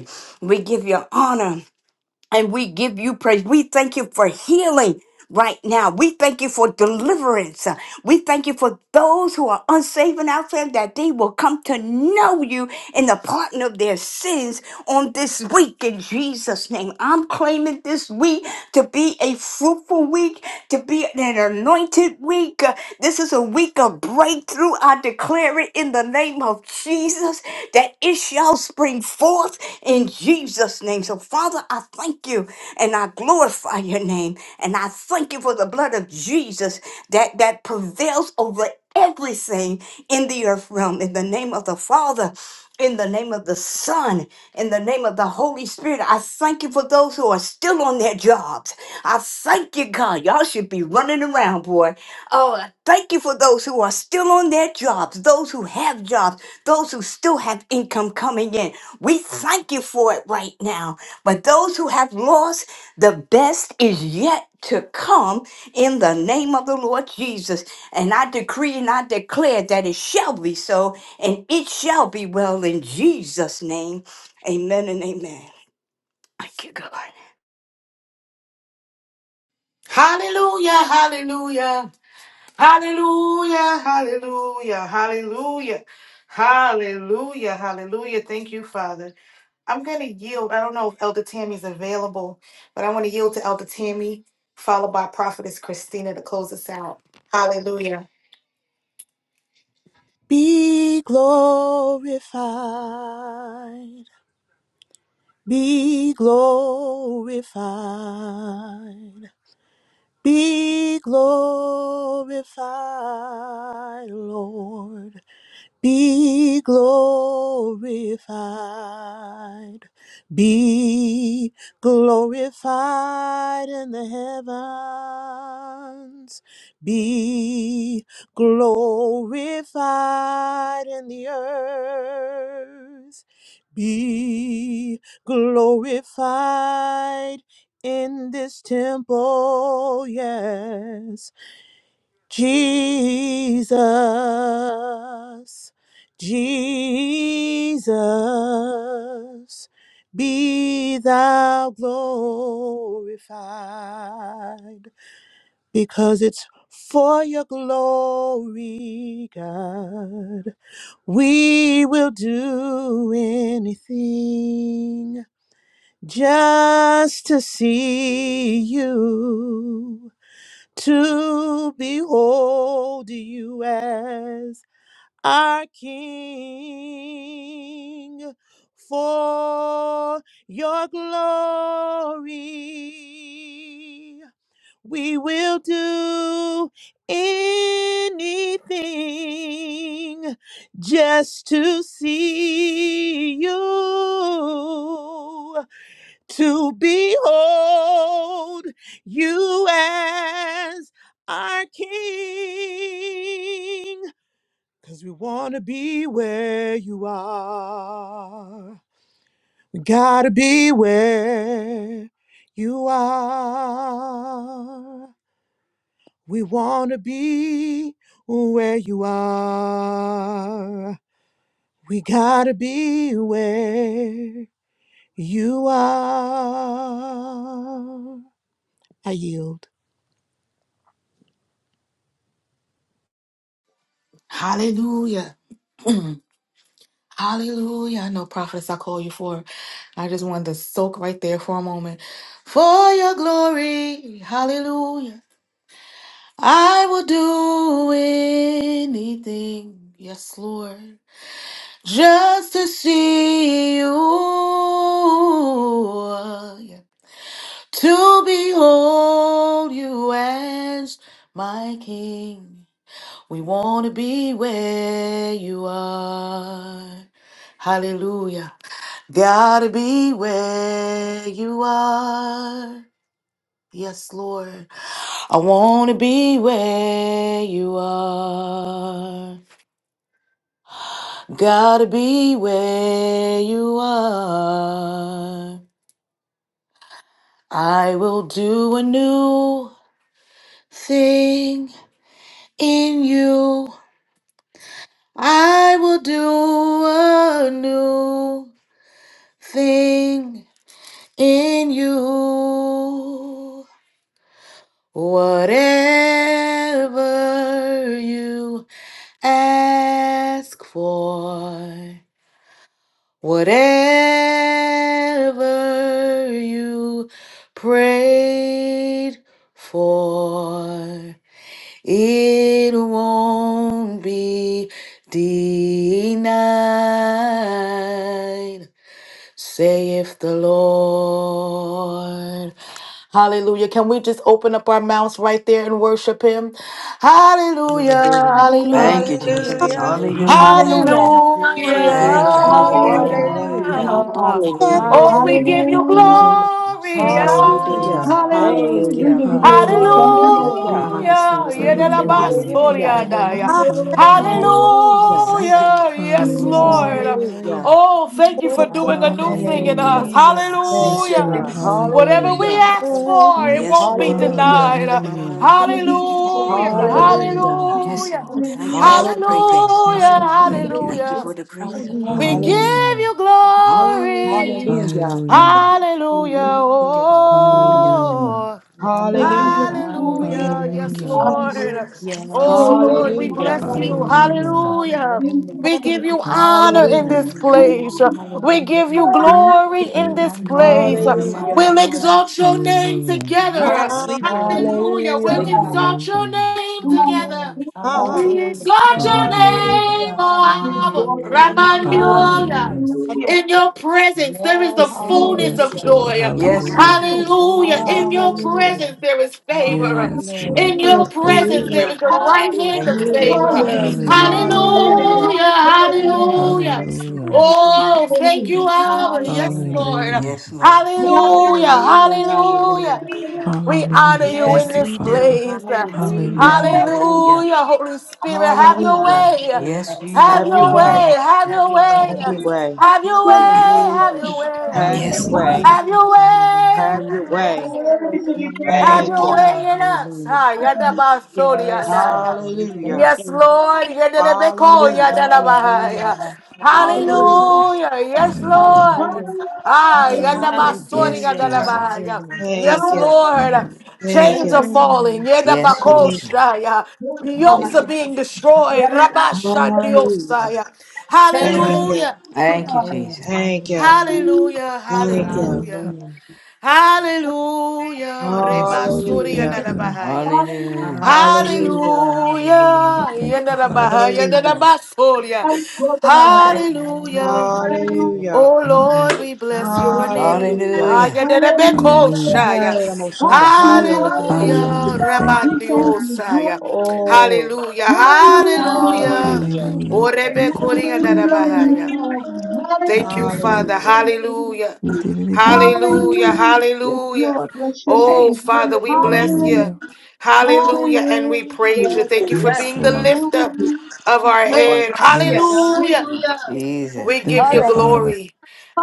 We give you honor and we give you praise. We thank you for healing right now. We thank you for deliverance. We thank you for those who are unsaved and outside that they will come to know you in the pardon of their sins on this week in Jesus' name. I'm claiming this week to be a fruitful week, to be an anointed week. Uh, This is a week of breakthrough. I declare it in the name of Jesus. Jesus, that it shall spring forth in Jesus' name. So, Father, I thank you and I glorify your name. And I thank you for the blood of Jesus that, that prevails over everything in the earth realm. In the name of the Father, in the name of the Son, in the name of the Holy Spirit, I thank you for those who are still on their jobs. I thank you, God. Y'all should be running around, boy. Oh, thank you for those who are still on their jobs, those who have jobs, those who still have income coming in. We thank you for it right now. But those who have lost, the best is yet to come in the name of the Lord Jesus. And I decree and I declare that it shall be so and it shall be well in Jesus' name. Amen and amen. Thank you, God. Hallelujah, hallelujah, hallelujah, hallelujah, hallelujah, hallelujah, hallelujah. Thank you, Father. I'm going to yield. I don't know if Elder Tammy's available, but I want to yield to Elder Tammy, followed by Prophetess Christina to close us out. Hallelujah. Be glorified, be glorified, be glorified, Lord be glorified, be glorified in the heavens, be glorified in the earth, be glorified in this temple, yes Jesus, Jesus, be thou glorified, because it's for your glory, God. We will do anything just to see you to behold you as our King for your glory. We will do anything just to see you to behold you as our King. Because we want to be where you are. We got to be where you are. We want to be where you are. We got to be where you are. I yield. Hallelujah. [clears throat] Hallelujah. I know, prophetess, I call you for. it. I just wanted to soak right there for a moment. For your glory, hallelujah. I will do anything, yes, Lord, just to see you, yeah. to behold you as my King. We want to be where you are. Hallelujah. Gotta be where you are. Yes, Lord. I want to be where you are. Gotta be where you are. I will do a new thing in you. I will do a new thing in you. Whatever you ask for, whatever you prayed for, it won't be denied. saith the Lord. Hallelujah. Can we just open up our mouths right there and worship him? Hallelujah. Hallelujah. Thank Hallelujah. you, Hallelujah. Jesus. Hallelujah. Hallelujah. Hallelujah. Hallelujah. Hallelujah. Hallelujah. Hallelujah. Thank you, Lord. Hallelujah. Hallelujah. Hallelujah. Hallelujah. Thank Hallelujah. you, Father. Hallelujah. Oh, we Hallelujah. Hallelujah. give Hallelujah. Thank you you. My Hallelujah. mind, glory. Osana yes, we Bahaya do. Hallelujah. Hallelujah. Sidibo. Abba. Hallelujah. Thank Hallelujah. We you, give you God. glory. Hallelujah. Thank you, Lord. My Hallelujah. Ego mind, Hallelujah. Sanda Thank Father, we Biki you, Savior. thank Hallelujah. you. Sidibo Hallelujah. Shanda Hallelujah. Yedelabastoriadaya. Bahaya. Hallelujah. Hallelujah. We Hallelujah. thank you, Hallelujah. Lord. Hallelujah. Yes, Ego My Hallelujah. Sanda Thank Hallelujah. mind, you. Lord. Hallelujah. Bahaya. Oh, Thank thank you you, for Lord. my doing a new mind, thing in Thank Hallelujah. you. us. hallelujah. Jesus. Thank Yes, you, Hallelujah. Lord. Thank God. you, Lord. Whatever Hallelujah. we Hallelujah. ask Hallelujah. for, it Hallelujah. Yes, won't be Lord. Yes, Ego Lord. Hallelujah. My Sanda denied. mind. Hallelujah. Thank you, Bahaya. Father, for your Hallelujah. faithful Hallelujah. Lord. Hallelujah. Hallelujah. Thank you. Yes, Hallelujah. Lord. Thank you Hallelujah. for Hallelujah. the breakthrough. Yes, Hallelujah, Lord. Thank you for Thank Hallelujah. your Thank you. you hallelujah. for faithful the Hallelujah. Lord. breakthrough. We give Hallelujah. Hallelujah. Hallelujah. you Hallelujah. glory. Hallelujah. Hallelujah. Hallelujah. Hallelujah. Hallelujah. Thank Hallelujah. you, Lord. Hallelujah. Hallelujah. Hallelujah. Oh, My, Lord, we my, give Hallelujah. you glory. hallelujah. hallelujah. Thank Yes, you, Hallelujah. Lord. Hallelujah. Jesus. Yes, Oh, Father, Lord, we we Hallelujah. thank bless Ego you. you. Hallelujah. Sanda Hallelujah. Bahaya. Hallelujah. Hallelujah. Hallelujah, We give you honor in Yes, Hallelujah. Hallelujah. this Lord. hallelujah, place. Hallelujah. We give you hallelujah. Hallelujah. glory in My, this my, place. Sanda Hallelujah. Hallelujah. We'll hallelujah. Bahaya. exalt your name Hallelujah. together. Yes, Thank we you, God. will. Hallelujah. We'll Hallelujah. exalt your Hallelujah. name My together. Lord, We hallelujah. exalt your Hallelujah. My, name, Hallelujah. my, my. O Abba, Hallelujah. Hallelujah. Ramandiola. Hallelujah. hallelujah. In your presence, there is the Yes, it fullness Yes, of is. Hallelujah. Lord. joy. Yes, Hallelujah. Lord. Hallelujah. Thank you, Hallelujah, In your Hallelujah. Jesus. hallelujah. presence, there is My favor. Yes, Lord. In Lord, your Thank presence, you. there Hallelujah. is the right hand of Thank you, hallelujah, favor. Jesus. Hallelujah. Hallelujah. hallelujah, Hallelujah. Hey, Hallelujah. hallelujah. I'm Hallelujah. on board. Yes, Hallelujah. we Hallelujah. thank you. Oh, thank Hallelujah. you, Abba. Yes, Hallelujah. Lord. Hallelujah. Yes, Lord. We honor Hallelujah. you. Hallelujah. Hallelujah. Hallelujah. We honor Hallelujah. you in Thank Yes, you, this we do. Father. place. We Hallelujah. Hallelujah. thank you. Hallelujah. Hallelujah. Holy Spirit, have My your mind Hallelujah. is way. your Yes, way. Have Have Jesus. your your Yes, Hallelujah. way. way. Hallelujah. Have have your your way. Have way. your way. Have your It's way. Have Hallelujah. your way. Have not your Yes, way. Hallelujah. Lord. Have Mm, your way, Have have your your way. Lord, hallelujah, way. worthy to be Have praised. Thank your you. Hallelujah. way Hallelujah, in us. Hallelujah. Ha, yada ba soli Yes, yada Father, ya. we thank Hallelujah. Yes, you. Lord. hallelujah, Yada de be Hallelujah. yada da ba ha ya. Hallelujah. Hallelujah. Hallelujah. hallelujah, Hallelujah. Yes, Hallelujah. Lord. Hallelujah. Thank Ah, yada ba hallelujah. you. soli Yes, Hallelujah. yada da ba ha Jesus. ya. Hallelujah. Yes, Thank you. Hallelujah. Lord. Thank Chains you. are Mm, falling. Yada ba Yes, ko Thank Jesus. sha ya. Yokes are you. being destroyed. Rabba sha dios sa Hallelujah. ya. Thank Hallelujah. you. Hallelujah. Thank you, Hallelujah, Jesus. Thank you. hallelujah, Hallelujah. Thank you. Hallelujah. Hallelujah. hallelujah, Hallelujah. Yes, Reba Lord, we suri yanda hallelujah, thank Hallelujah. you. bahaya. hallelujah, Hallelujah. Hallelujah. hallelujah, hallelujah. We Hallelujah. thank you, Yanda da Father. bahaya. Yanda da Hallelujah. Mm, basoria. My Lord, Hallelujah. hallelujah. Hallelujah. Oh Lord, Hallelu- we My, bless my, your name. Hallelujah. Haya Hallelujah. da da Hallelujah. bekoshaya. Hallelujah! moshanda. Hallelujah Hallelujah. moshanda. Hallelujah. Hallelujah. Thank you, We thank Father. you. Rabandiosaya. Hallelujah. Oh, Hallelujah. Oh, Hallelujah. Hallelujah. Hallelujah. hallelujah. Yes, Oh Hallelujah. You Lord. Rebe did it kuri We yanda again. love you, Father. Thank you, Father. Hallelujah. Hallelujah. Hallelujah. Hallelujah. You did it again. Thank Hallelujah. you. Hallelujah. Yes, Hallelujah. Lord. Bless your Oh, name. Father, we Hallelujah. bless Hallelujah. you. Hallelujah. Hallelujah. And we praise you. Hallelujah. Thank you for Yes, Yes. being the Lord. lifter Hallelujah. of Yes, our Hey, Lord. head. Cassia. Yes. Hallelujah. Hallelujah. Hallelujah. Jesus. We Thank give Oh, you, you There yeah. you Father. glory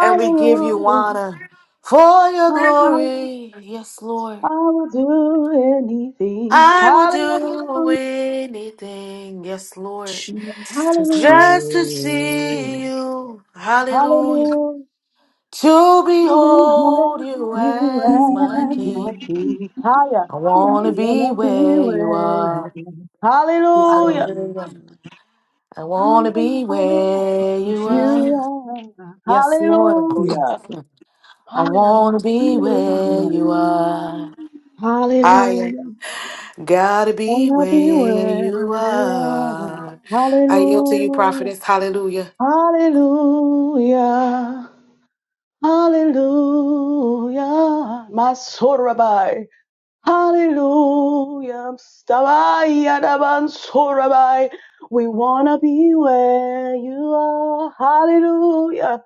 and we give go. you honor for your Hallelujah. glory. Yes, Lord. I will do anything. I will do Hallelujah. anything. Yes, Lord. Jesus is Hallelujah. Just to good. see you. Hallelujah. Hallelujah. to behold behold you you as my as my Hallelujah. king. king. Higher. I I want to be wanna be where you where you are. are. Yes, Hallelujah. Father. Hallelujah. I want to be Hallelujah. where Thank you you, You are. Jesus. are. Yes, Lord. Thank Hallelujah. you, I Higher, my want to be soul of where higher. you Father. are. I Hallelujah. gotta be Wanna be where where you you are. are. I yield to you, Hallelujah. prophetess. Hallelujah. Hallelujah. Hallelujah. My soul, Rabbi. Hallelujah. Stabai, Adaban, Sorabai. We want to be where you are. Hallelujah.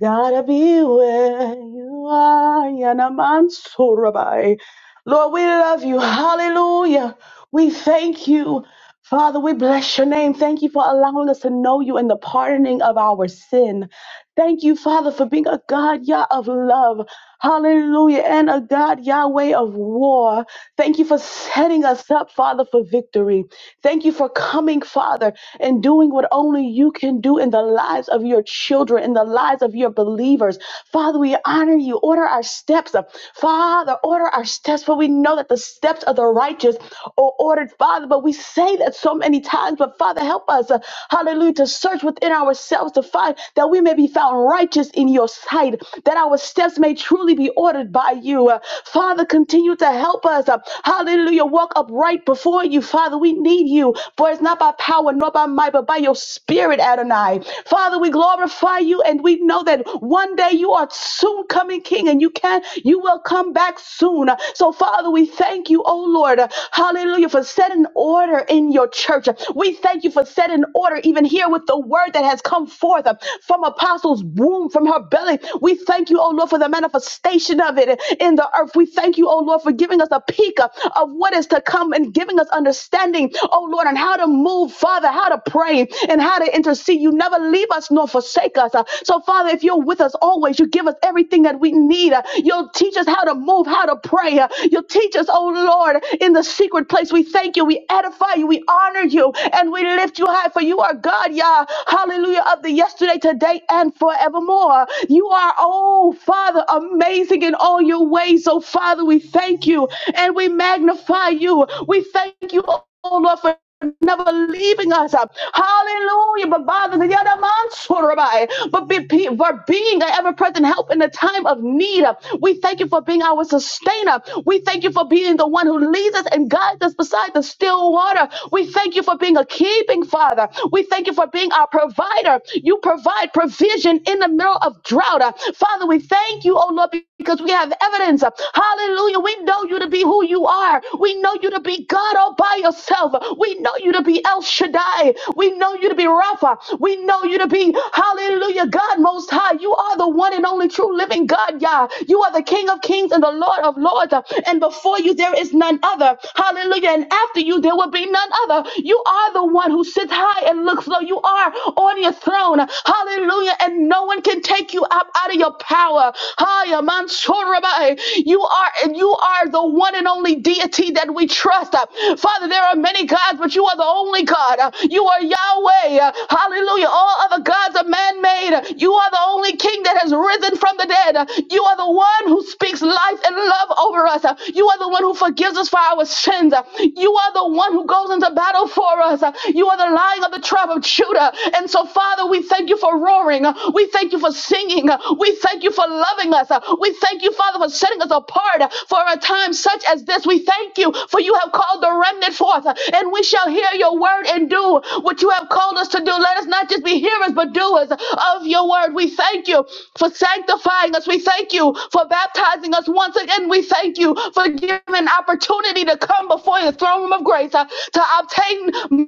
Gotta be where you are. Yanaman, Sorabai. Lord, we love you. Hallelujah. We thank you. Father, we bless your name. Thank you for allowing us to know you and the pardoning of our sin. Thank you, Father, for being a God, Yah, of love. Hallelujah. And a God, Yahweh of war. Thank you for setting us up, Father, for victory. Thank you for coming, Father, and doing what only you can do in the lives of your children, in the lives of your believers. Father, we honor you. Order our steps. Father, order our steps, for we know that the steps of the righteous are ordered, Father. But we say that so many times. But Father, help us, uh, hallelujah, to search within ourselves to find that we may be found righteous in your sight That that our steps may truly be ordered by you. Uh, Father, continue to help us. uh, Hallelujah. Walk upright before you. Father, we need you. For it's not by power nor by might, but by your spirit, Adonai. Father, we glorify you and we know that one day you are soon coming king and you can you will come back soon. Uh, So Father, we thank you, oh Lord. uh, Hallelujah for setting order in your church. We thank you for setting order even here with the word that has come forth uh, from apostles' womb, from her her belly. We thank you, oh Lord, for the manifestation of it in the earth. We thank you, oh Lord, for giving us a peek of of what is to come and giving us understanding, oh Lord, on how to move, Father, how to pray and how to intercede. You never leave us nor forsake us. Uh, So, Father, if you're with us always, you give us everything that we need. Uh, You'll teach us how to move, how to pray. Uh, You'll teach us, oh Lord, in the secret place. We thank you, we edify you, we honor you, and we lift you high, for you are God, Yah. Hallelujah, of the yesterday, today, and and forevermore. You are, oh Father, amazing in all your ways. Oh Father, we thank you and we magnify you. We thank you, oh Lord, for never leaving us. Hallelujah. But bother the other man, Sorabai. but be, be, for being an ever present help in the time of need. We thank you for being our sustainer. We thank you for being the one who leads us and guides us beside the still water. We thank you for being a keeping father. We thank you for being our provider. You provide provision in the middle of drought. Uh, Father, we thank you, oh Lord, because we have evidence. Uh, Hallelujah. We know you to be who you are. We know you to be God all by yourself. We know you to be El Shaddai. We know you to be Rapha. We know you to be, hallelujah, God Most High. You are the one and only true living God, Yah. You are the King of kings and the Lord of lords. Uh, And before you, there is none other. Hallelujah. And after you, there will be none other. You are the one who sits high and looks low. You are are on your throne. Hallelujah. And no one can take you up out of your power. Haya Mansorabai. You are and you are the one and only deity that we trust. Uh, Father, there are many gods, but you are the only God. Uh, You are Yahweh. Uh, Hallelujah. All other gods are man-made. You are the only king that has risen from the dead. Uh, You are the one who speaks life and love over us. Uh, You are the one who forgives us for our sins. Uh, You are the one who goes into battle for us. Uh, You are the lion lion of the tribe of Judah. And so, Father, we thank you for roaring. We thank you for singing. We thank you for loving us. We thank you, Father, for setting us apart for a time such as this. We thank you for you have called the remnant forth, and we shall hear your word and do what you have called us to do. Let us not just be hearers, but doers of your word. We thank you for sanctifying us. We thank you for baptizing us once again. We thank you for giving an opportunity to come before the throne room of grace uh, to obtain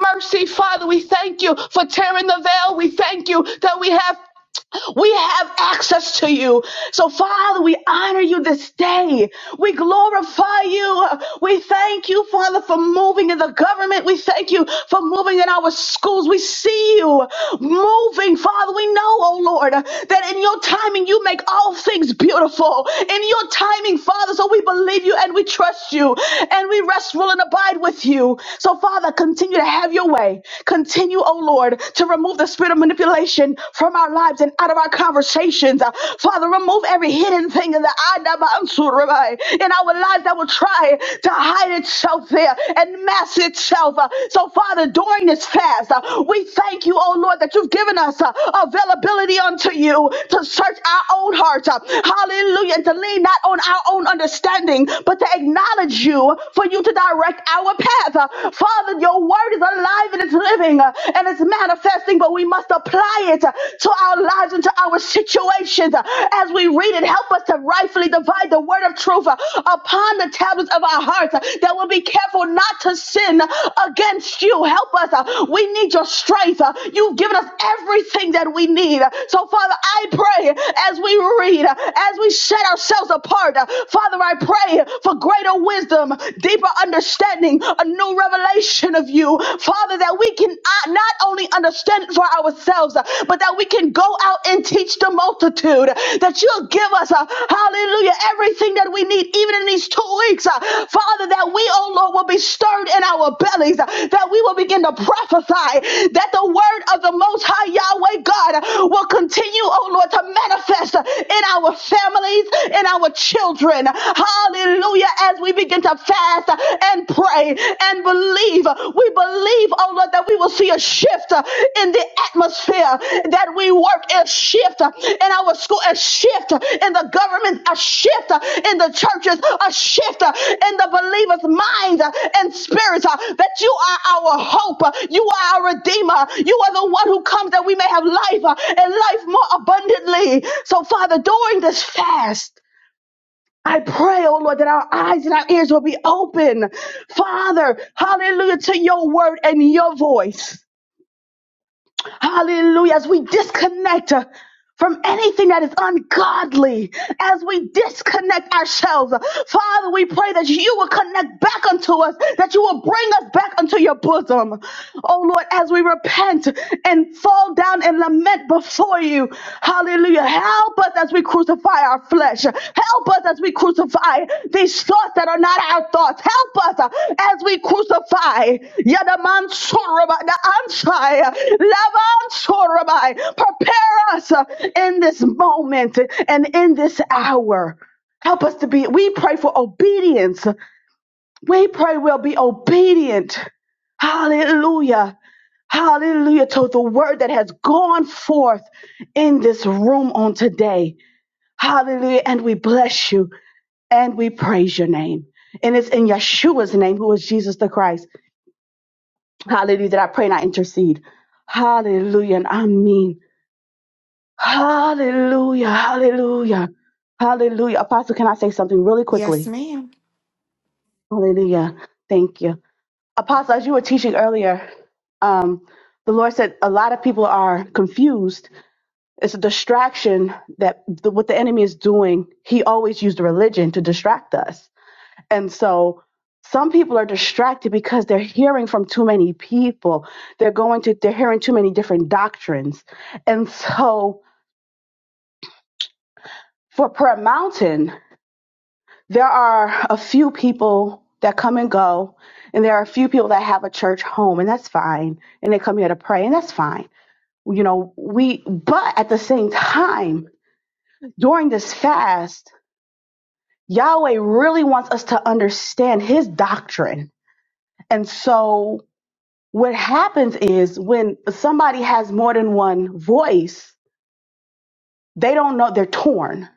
mercy, Father. We thank you for tearing the veil. We thank you that we have. We have access to you. So Father, we honor you this day. We glorify you. We thank you, Father, for moving in the government. We thank you for moving in our schools. We see you moving, Father. We know, oh Lord, that in your timing you make all things beautiful. In your timing, Father, so we believe you and we trust you and we rest, rule, and abide with you. So Father, continue to have your way. Continue, oh Lord, to remove the Remove the spirit of manipulation from our lives and out of our conversations. Uh, Father, remove every hidden thing in the Adabansurabai in our lives that will try to hide itself there and mask itself. Uh, So, Father, during this fast, uh, we thank you, oh Lord, that you've given us uh, availability unto you to search our own hearts. Uh, Hallelujah. And to lean not on our own understanding, but to acknowledge you for you to direct our path. Uh, Father, your word is alive alive and it's living uh, and it's manifesting, but we must apply it uh, to our lives and to our situations. Uh, As we read it, help us to rightfully divide the word of truth uh, upon the tablets of our hearts uh, that we'll be careful not to sin against you. Help us. uh, We need your strength. uh, You've given us everything that we need. Uh, So, Father, I pray as we read, uh, as we set ourselves apart, uh, Father, I pray for greater wisdom, deeper understanding understanding, a new revelation of you, Father, that we can uh, not only understand for ourselves, uh, but that we can go out and teach the multitude, that you'll give us, uh, hallelujah, everything that we need, even in these two weeks, uh, Father, that we, oh Lord, will be stirred in our bellies, uh, that we will begin to prophesy, that the word of the Most High Yahweh God uh, will continue, oh Lord, to manifest uh, in our families, in our children. Hallelujah. Hallelujah. As we begin to fast uh, and pray and believe, uh, we believe, oh Lord, that we will see a shift uh, in the atmosphere, that we work a shift uh, in our school, a shift uh, in the government, a shift uh, in the churches, a shift uh, in the believers' minds uh, and spirits, uh, that you are our hope, uh, you are our redeemer, you are the one who comes that we may have life uh, and life more abundantly. So, Father, during this fast, I pray, oh Lord, that our eyes and our ears will be open. Father, hallelujah, to your word and your voice. Hallelujah, as we disconnect uh, from anything that is ungodly, as we disconnect ourselves. Father, we pray that you will connect back unto us, that you will bring us back unto your bosom. Oh Lord, as we repent and fall down and lament before you. Hallelujah. Help us as we crucify crucify our flesh. Help us as we crucify these thoughts that are not our thoughts. Help us uh, as we crucify. Yadamansuraba, the ansai, uh, labansurabai. Prepare us uh, in this moment and in this hour. Help us to be, we pray for obedience. We pray we'll be obedient. Hallelujah. Hallelujah to the word that has gone forth in this room on today. Hallelujah. And we bless you and we praise your name. And it's in Yeshua's name, who is Jesus the Christ. Hallelujah. That I pray and I intercede. Hallelujah. And I mean, hallelujah. Hallelujah. Hallelujah. Apostle, can I say something really Yes, quickly? ma'am. Hallelujah. Thank you. Apostle, as you were teaching earlier, um, the Lord said a lot of people are confused. It's a distraction that the, what the enemy is doing. He always used religion to distract us And so some people are distracted because they're hearing from too many people. They're going to they're hearing too many different doctrines. And so for Prayer Mountain, there are a few people that come and go, and there are a few people that have a church home, and that's fine. And they come here to pray, and that's fine. You know, we but at the same time, during this fast, Yahweh really wants us to understand his doctrine. And so What happens is when somebody has more than one voice, they don't know, they're torn.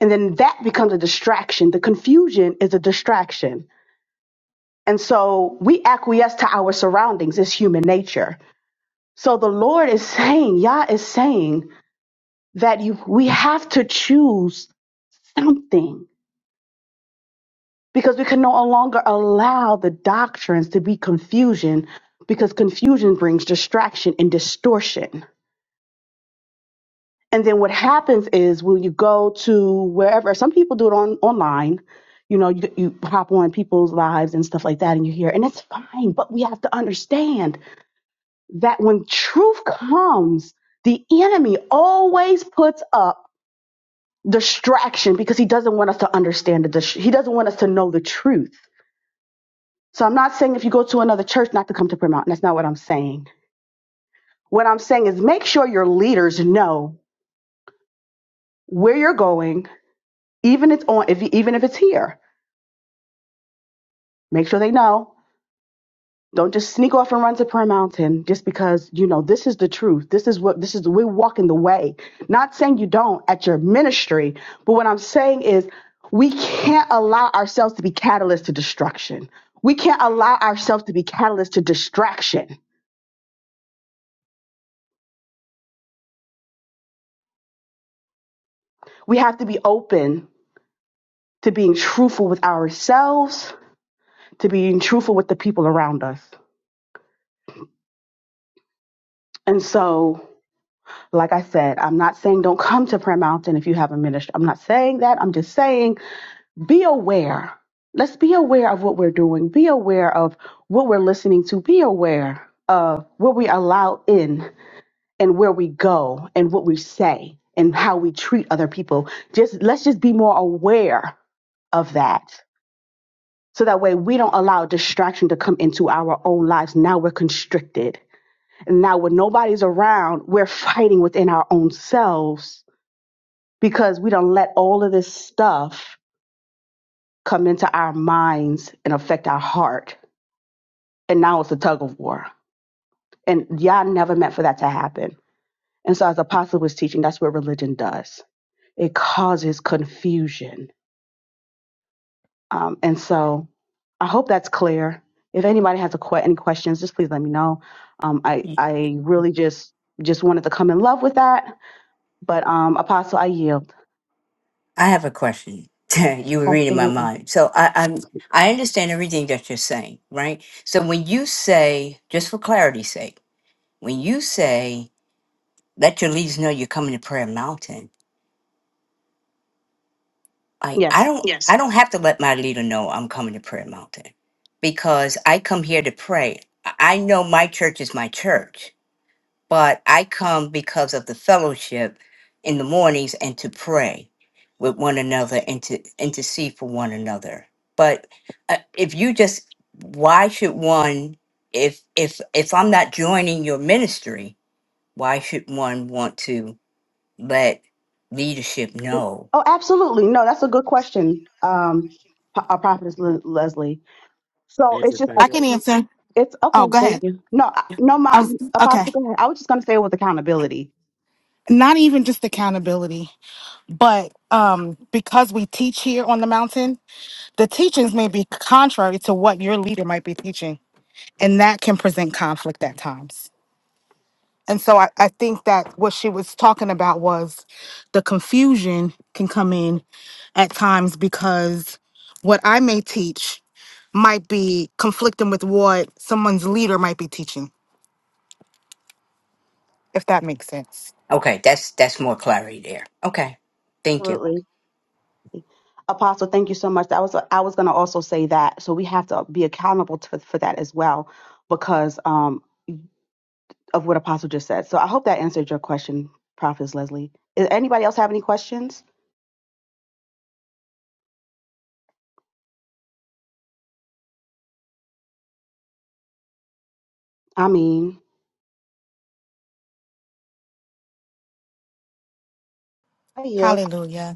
And then that becomes a distraction. The confusion is a distraction. And so we acquiesce to our surroundings, it's human nature. So the Lord is saying, Yah is saying that you, we have to choose something because we can no longer allow the doctrines to be confusion because confusion brings distraction and distortion. And then what happens is when you go to wherever, some people do it on online, you know, you, you hop on people's lives and stuff like that and you hear, and it's fine, but we have to understand that when truth comes, the enemy always puts up distraction because he doesn't want us to understand the, dis- he doesn't want us to know the truth. So I'm not saying if you go to another church not to come to Prayer Mountain. That's not what I'm saying. What I'm saying is make sure your leaders know where you're going, even it's on, if, even if it's here Make sure they know. Don't just sneak off and run to Prayer Mountain just because, you know, this is the truth. This is what, this is, we're walking the way. Not saying you don't at your ministry, but what I'm saying is we can't allow ourselves to be catalysts to destruction. We can't allow ourselves to be catalysts to distraction. We have to be open to being truthful with ourselves, to being truthful with the people around us. And so, like I said, I'm not saying don't come to Prayer Mountain if you have a ministry. I'm not saying that. I'm just saying be aware. Let's be aware of what we're doing. Be aware of what we're listening to. Be aware of what we allow in and where we go and what we say and how we treat other people. Just let's just be more aware of that. So that way we don't allow distraction to come into our own lives. Now we're constricted. And now when nobody's around, we're fighting within our own selves because we don't let all of this stuff come into our minds and affect our heart. And now it's a tug of war. And y'all never meant for that to happen. And so, as Apostle was teaching, that's what religion does it causes confusion. Um, and so, I hope that's clear. If anybody has a que- any questions, just please let me know. Um, I, I really just just wanted to come in love with that. But, um, Apostle, I yield. I have a question. [laughs] you were reading my Absolutely. mind. So I, I'm I understand everything that you're saying, right? So when you say, just for clarity's sake, when you say let your leaders know you're coming to prayer mountain like i Yes. don't Yes. i don't have to let my leader know i'm coming to prayer mountain because i come here to pray i I know my church is my church but i come because of the fellowship in the mornings and to pray with one another and to intercede for one another but uh, if you just why should one if if if i'm not joining your ministry why should one want to let leadership know. Oh, absolutely. No, that's a good question, um, a prophetess Le- Leslie. So it's just a, I can answer. it's Oh, okay. go Thank ahead. you. No, I- no, I was mom, okay. Apostle, go ahead. I was just gonna say it was accountability. Not even just accountability. but um because we teach here on the mountain the teachings may be contrary to what your leader might be teaching and that can present conflict at times and so I, I think that what she was talking about was the confusion can come in at times because what i may teach might be conflicting with what someone's leader might be teaching if that makes sense Okay, that's that's more clarity there. Okay, thank you. Absolutely, Apostle. Thank you so much. I was I was gonna also say that. So we have to be accountable to, for that as well, because um of what Apostle just said. So I hope that answered your question, Prophet Leslie. Is anybody else have any questions? I mean, I yield. hallelujah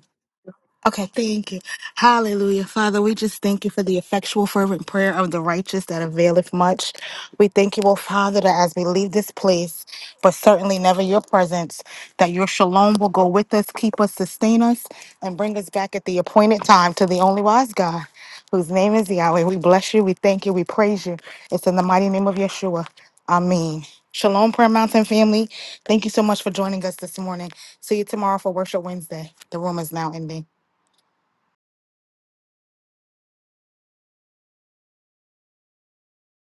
Okay, thank you. Hallelujah. Father, we just thank you for the effectual, fervent prayer of the righteous that availeth much. We thank you, oh Father, that as we leave this place, but certainly never your presence, that your shalom will go with us, keep us, sustain us, and bring us back at the appointed time to the only wise God, whose name is Yahweh. We bless you, we thank you, we praise you. It's in the mighty name of Yeshua. Amen. Shalom, Prayer Mountain family. Thank you so much for joining us this morning. See you tomorrow for Worship Wednesday. The room is now ending.